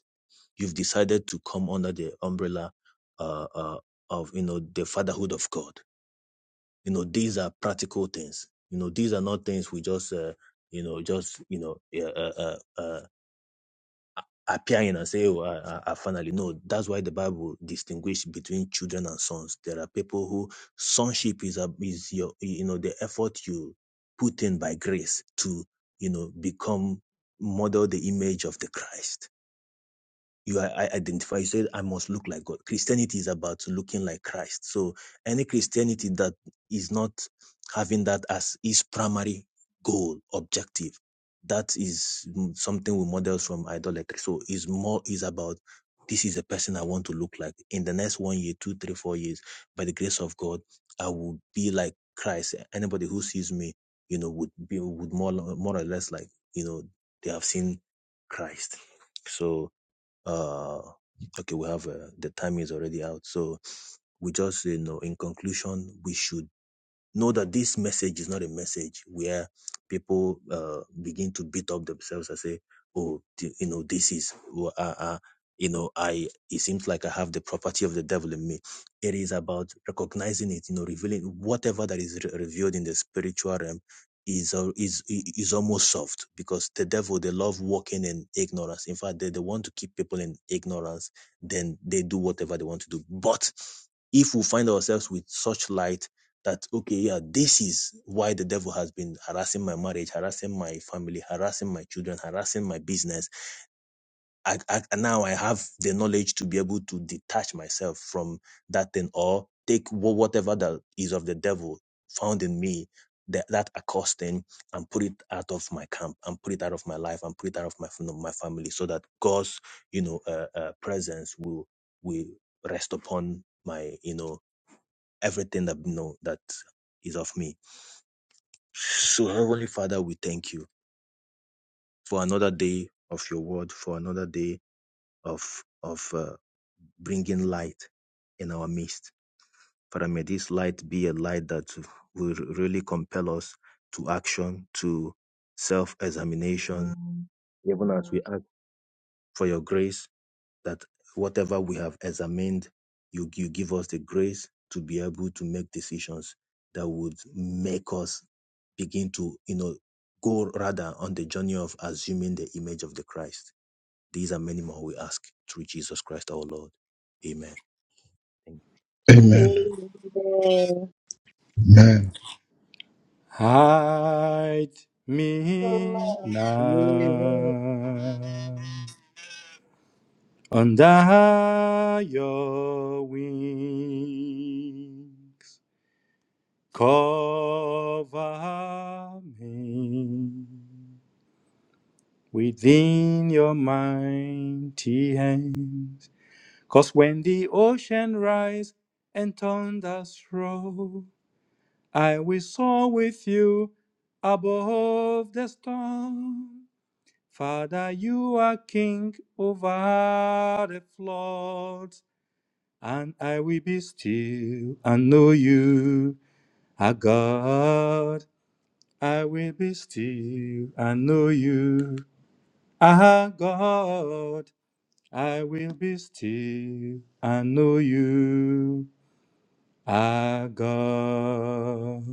You've decided to come under the umbrella uh, uh, of you know the fatherhood of God. You know these are practical things. You know these are not things we just uh, you know just you know uh, uh, uh, uh, appearing and say, oh, I, I I finally know. That's why the Bible distinguishes between children and sons. There are people who sonship is a, is your you know the effort you put in by grace to you know become model the image of the Christ you i- I identify you said i must look like god christianity is about looking like christ so any christianity that is not having that as its primary goal objective that is mm, something we models from idolatry so it's more is about this is the person i want to look like in the next one year two three four years by the grace of god i will be like christ anybody who sees me you know would be would more more or less like you know they have seen christ so uh okay we have uh, the time is already out so we just you know in conclusion we should know that this message is not a message where people uh, begin to beat up themselves and say, "Oh, th- you know, this is who I, I, you know, I." It seems like I have the property of the devil in me. It is about recognizing it, you know, revealing whatever that is re- revealed in the spiritual realm is al- is is almost soft because the devil they love walking in ignorance. In fact, they, they want to keep people in ignorance. Then they do whatever they want to do. But if we find ourselves with such light that okay yeah this is why the devil has been harassing my marriage harassing my family harassing my children harassing my business I, I and now i have the knowledge to be able to detach myself from that thing or take wh- whatever that is of the devil found in me that, that accursed thing and put it out of my camp and put it out of my life and put it out of my fam- my family so that god's you know uh, uh, presence will will rest upon my you know everything that you know that is of me so, Heavenly Father, we thank you for another day of your word, for another day of of uh, bringing light in our midst. Father, may this light be a light that will really compel us to action, to self-examination, even as we ask for your grace that whatever we have examined, you, you give us the grace to be able to make decisions that would make us begin to, you know, go rather on the journey of assuming the image of the Christ. These are many more we ask through Jesus Christ our Lord. Amen. Thank
Amen.
Amen.
Amen.
Hide me
Amen.
Amen.
now under your wings. Cover me within your mighty hands, 'cause when the ocean rise and thunders roll, I will soar with you above the storm. Father, you are king over the floods, and I will be still and know you are God. I will be still and know you. Ah, God, I will be still and know you. Ah, God,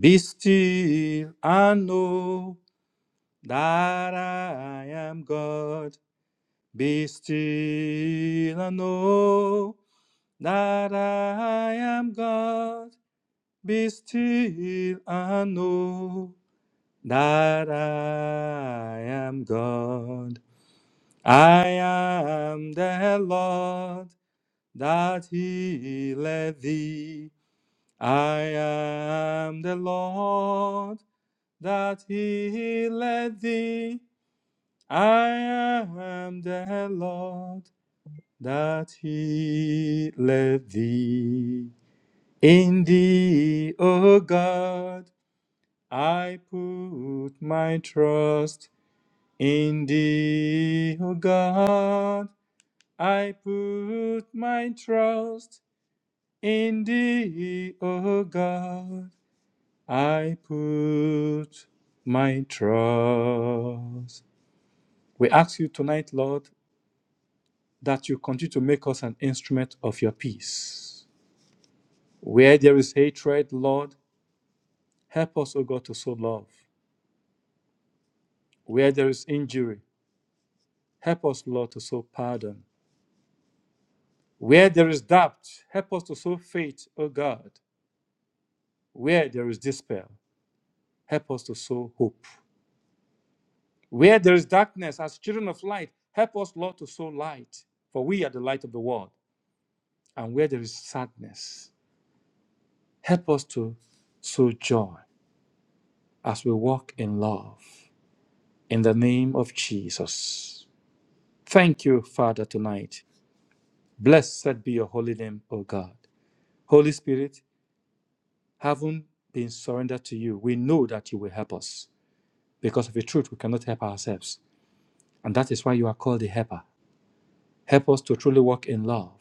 be still and know that I am God. Be still and know that I am God. Be still and know that I am God. I am the Lord that healeth thee. I am the Lord that healeth thee. I am the Lord that healeth thee. In thee, O God, I put my trust. In thee, O God, I put my trust. In thee, O God, I put my trust. We ask you tonight, Lord, that you continue to make us an instrument of your peace. Where there is hatred, Lord, help us, O God, to sow love. Where there is injury, help us, Lord, to sow pardon. Where there is doubt, help us to sow faith, O God. Where there is despair, help us to sow hope. Where there is darkness, as children of light, help us, Lord, to sow light, for we are the light of the world. And where there is sadness, help us to sow joy as we walk in love. In the name of Jesus. Thank you, Father, tonight. Blessed be your holy name, O God. Holy Spirit, having been surrendered to you, we know that you will help us. Because of the truth, we cannot help ourselves. And that is why you are called the helper. Help us to truly walk in love.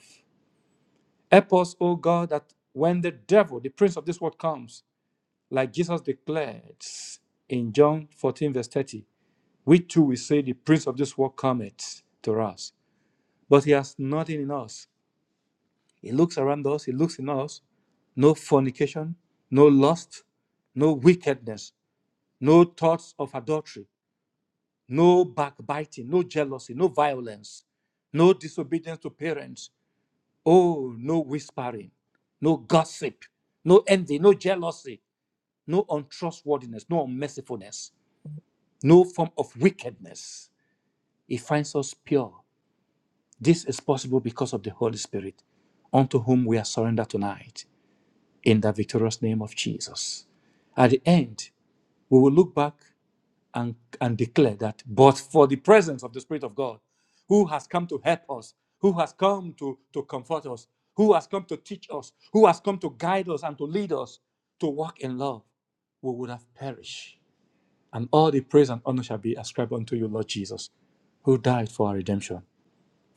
Help us, O God, that when the devil, the prince of this world, comes, like Jesus declared in John 14, verse 30, we too will say, The prince of this world cometh to us. But he has nothing in us. He looks around us, he looks in us. No fornication, no lust, no wickedness, no thoughts of adultery, no backbiting, no jealousy, no violence, no disobedience to parents, Oh, no whispering, no gossip, no envy, no jealousy, no untrustworthiness, no unmercifulness, no form of wickedness. He finds us pure. This is possible because of the Holy Spirit, unto whom we are surrendered tonight, in the victorious name of Jesus. At the end, we will look back and, and declare that, but for the presence of the Spirit of God, who has come to help us, who has come to, to comfort us, who has come to teach us, who has come to guide us and to lead us to walk in love, we would have perished. And all the praise and honor shall be ascribed unto you, Lord Jesus, who died for our redemption.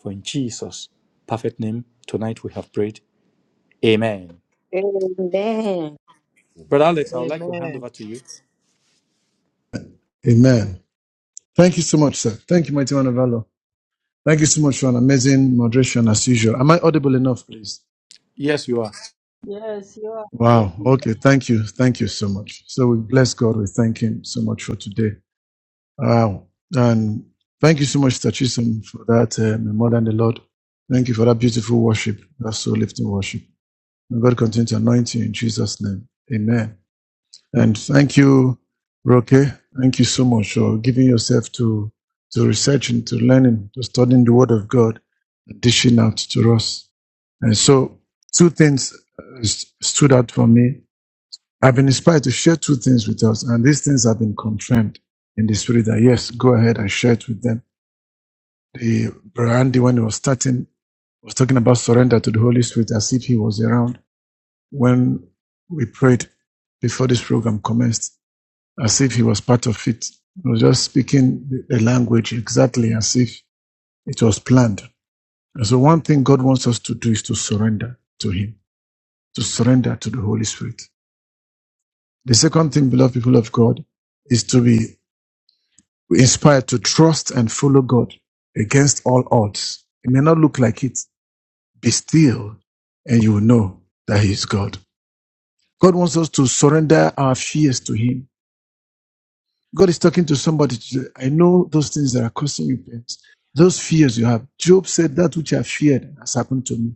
For in Jesus' perfect name, tonight we have prayed. Amen.
Amen.
you.
Brother Alex,
Amen.
I would like to hand
Amen.
over to you.
Amen. Thank you so much, sir. Thank you, mighty man of valor. Thank you so much for an amazing moderation as usual. Am I audible enough, please?
Yes, you are.
Yes, you are
Thank
Wow.
you,
Okay. Thank you. Thank you so much. So we bless God. We thank Him so much for today. Uh, and thank you so much, Tachisum, for that um, more than the Lord. Thank you for that beautiful worship, that soul lifting worship. May God continue to anoint you in Jesus' name. Amen. And thank you, Roque. Thank you so much for giving yourself to, to research and to learning, to studying the Word of God, and dishing out to us. And so, two things uh, st- stood out for me. I've been inspired to share two things with us, and these things have been confirmed in the spirit that yes, go ahead and share it with them. The brother Andy, when he was starting, was talking about surrender to the Holy Spirit as if he was around, and prayed the first, as if he was part of it, it was as if it was planned. And so, one thing God wants us to do is to surrender to Him, to surrender to the Holy Spirit. The second thing, beloved people of God, is to be inspired to and follow God. It may not look like it Be still and you will know that He is God. God wants us to surrender our fears to Him. God is talking to somebody today. I know those things that are causing you pains. Those fears you have. Job said, That which I feared has happened to me.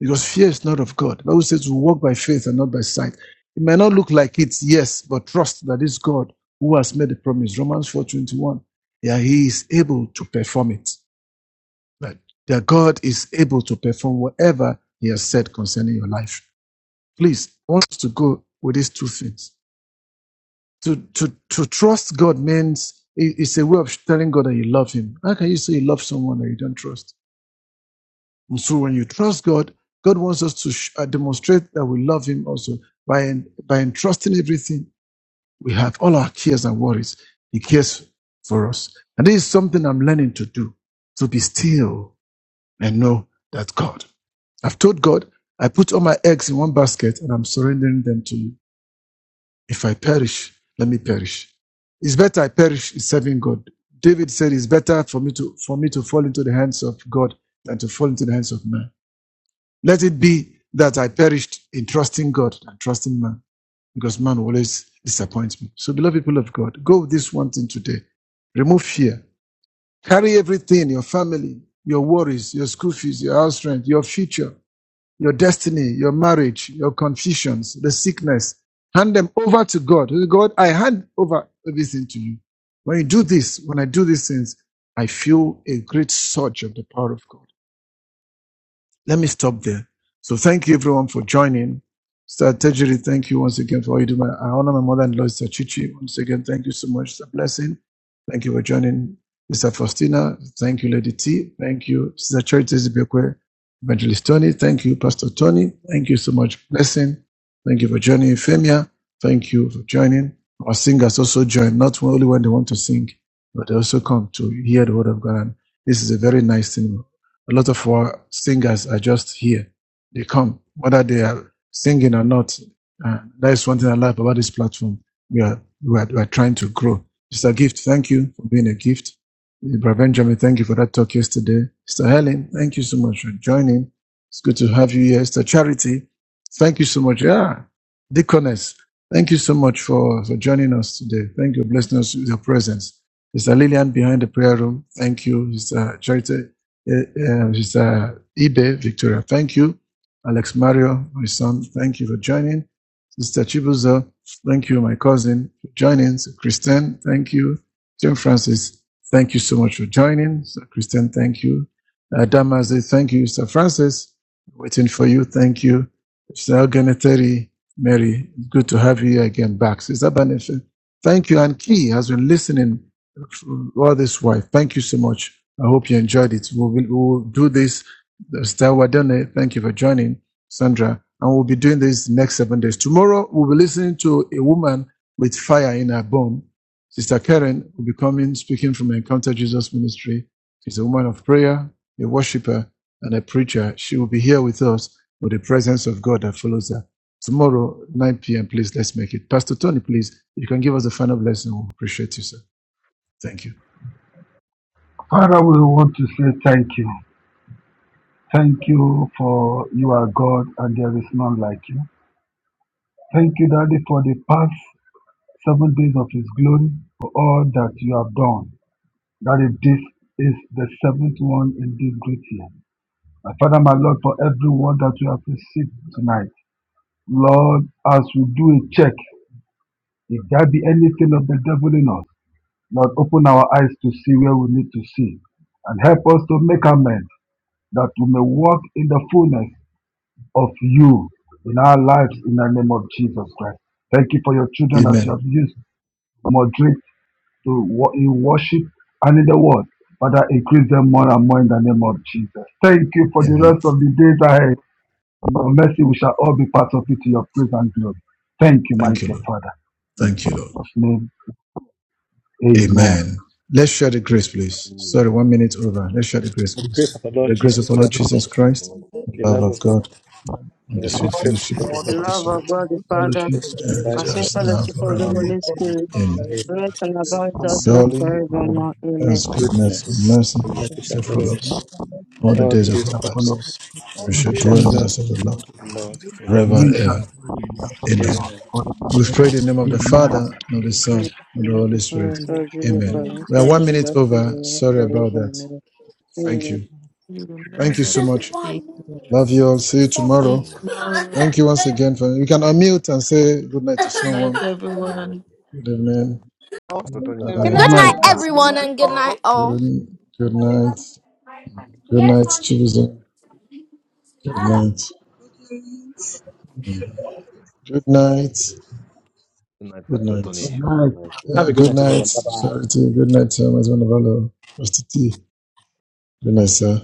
Because fear is not of God. The Bible says we walk by faith and not by sight. It may not look like it, yes, but trust that it's God who has made the promise. Romans 4:21. Yeah, He is able to perform it. That that God is able to perform whatever He has said concerning your life. Please, I want us to go with these two things. To to to trust God means it- it's a way of telling God that you love Him. How can you say you love someone that you don't trust? And so when you trust God, God wants us to sh- uh, demonstrate that we love Him also by en- by entrusting everything we have, all our cares and worries. He cares for us, and this is something I'm learning to do: to be still and know that God. I've told God I put all my eggs in one basket and I'm surrendering them to you. If I perish, let me perish. It's better I perish serving God. David said, It's better for me to for me to fall into the hands of God than to fall into the hands of man. Let it be that I perished in trusting God and trusting man, because man always disappoints me. So, beloved people of God, go with this one thing today. Remove fear. Carry everything, your family, your worries, your school fees, your house rent, your future, your destiny, your marriage, your confusions, the sickness. Hand them over to God. God, I hand over everything to you. When you do this, when I do these things, I feel a great surge of the power of God. Let me stop there. So thank you everyone for joining. Sir Tejiri, thank you once again for all you do. I honor my mother-in-law, Sir Chichi. Once again, thank you so much. It's a blessing. Thank you for joining. Mr. Faustina, thank you, Lady T. Thank you, Sister Charity Zibekwe, Evangelist Tony. Thank you, Pastor Tony. Thank you so much. Blessing. Thank you for joining, Femia. Thank you for joining. Our singers also join, not only when they want to sing, but they also come to hear the word of God. And this is a very nice thing. A lot of our singers are just here. They come, whether they are singing or not. Uh, that is one thing I love about this platform. We are, we are, we are trying to grow. Mr. gift. Thank you for being a gift. Mr. Benjamin, thank you for that talk yesterday. Mr. Helen, thank you so much for joining. It's good to have you here. Mr. Charity, thank you so much. Yeah. Deaconess, thank you so much for, for joining us today. Thank you for blessing us with your presence. Mr. Lillian behind the prayer room, thank you. Mr. Charity uh, uh, Ibe Victoria. Thank you. Alex Mario, my son, thank you for joining. Sister Chibuzo, thank you, my cousin, for joining. So Christian, thank you. Jim Francis, thank you so much for joining. So Christian, thank you. Uh, Damaze, thank you. Sir Francis, waiting for you. Thank you. Sister Ganeteri, Mary, good to have you again back. Sister Benefit, thank you. And Key has been listening all this while. Thank you so much I hope you enjoyed it. We will we will do this. Estelle Wadene, thank you for joining, Sandra. And we'll be doing this next seven days. Tomorrow, we'll be listening to a woman with fire in her bone. Sister Karen will be coming, speaking from Encounter Jesus Ministry. She's a woman of prayer, a worshiper, and a preacher. She will be here with us with the presence of God that follows her. Tomorrow, 9 p.m., please, let's make it. Pastor Tony, please, you can give us a final blessing. We appreciate you, sir. Thank you.
Father, we want to say thank you. Thank you for you are God and there is none like you. Thank you, Daddy, for the past seven days of His glory, for all that you have done. Daddy, this is the seventh one in this great year. My Father, my Lord, for every word that you have received tonight. Lord, as we do a check, if there be anything of the devil in us, Lord, open our eyes to see where we need to see and help us to make amends that we may walk in the fullness of you in our lives in the name of Jesus Christ. Thank you for your children that you
Amen.
have used to moderate to wo- in worship and in the word. Father, increase them more and more in the name of Jesus. Thank you for the
Amen.
rest of the days ahead. In Your mercy, we shall all be part of it to your praise and glory. Thank you, mighty
Thank you, Lord.
Father. In
Thank you, Lord.
Jesus' name, amen.
Amen. Let's share the grace, please. Sorry,
Amen.
one minute over. Let's share the grace,
In the
please.
grace of the Lord
The grace
Jesus
of our Lord
Christ,
Jesus Christ,
Lord,
the
the
we
love
love
of
of God,
God,
and
and the
Thank
the sweet
sweet
Lord
fellowship of
fellowship
are
of
the
God.
The
Holy
the
grateful
Spirit.
Holy
to
love of
you
Spirit,
for
Thank
God the
you for
Father,
Fellowship
It
the
shall
and
grace
with
abide
and
to
with
sweet
us now
us
fellowship of the
now
do it
forevermore.
Holy
for
Spirit,
Amen.
others.
in
rest and abide with us now
Surely,
forever.
forevermore. Amen.
God's goodness and
goodness,
mercy
and mercy shall
shall
follow
follow us
God
us
all the
all the
days of
days
our
of
shall
our
follow
lives,
lives.
and
all
we
us all
shall
We
good.
shall
dwell
the
in the
dwell in
days,
house of
the
the
house
Lord
of the Lord
forever
and
and
we
forever
shall
and
ever.
dwell in the house of the
Amen.
ever.
Lord
Amen.
forever
We
and
pray in the name of the
ever. Amen.
Father, and of the Son, and of the Holy Spirit. Amen.
Amen.
We are one minute over. Sorry about that. Thank
Amen.
you. Thank you
It's
so
just
much.
one.
Love
It's
you all. See you
this
just- Each
tomorrow.
moment.
moment.
Thank you once again. For, you can unmute and say good night to someone.
Let
Lord,
everyone
Good evening.
Now,
Pastor
Thank
Good
Tony,
you
good
for
Can
Good
night.
night.
thank
I
we
Right,
night,
everyone.
you.
sir.
want to
uh,
everyone,
meet
and good night
all
Good,
all.
good night. Good night, Tuesday. Good night. Mm. Good night.
Good night,
Good
Pastor
night.
Tony.
Right,
Good night.
Have
Uh,
a good
good
night,
night,
everyone. Bye bye.
uh,
Charity. Good night, Thomas Manavalo. Pastor T. Good night, sir.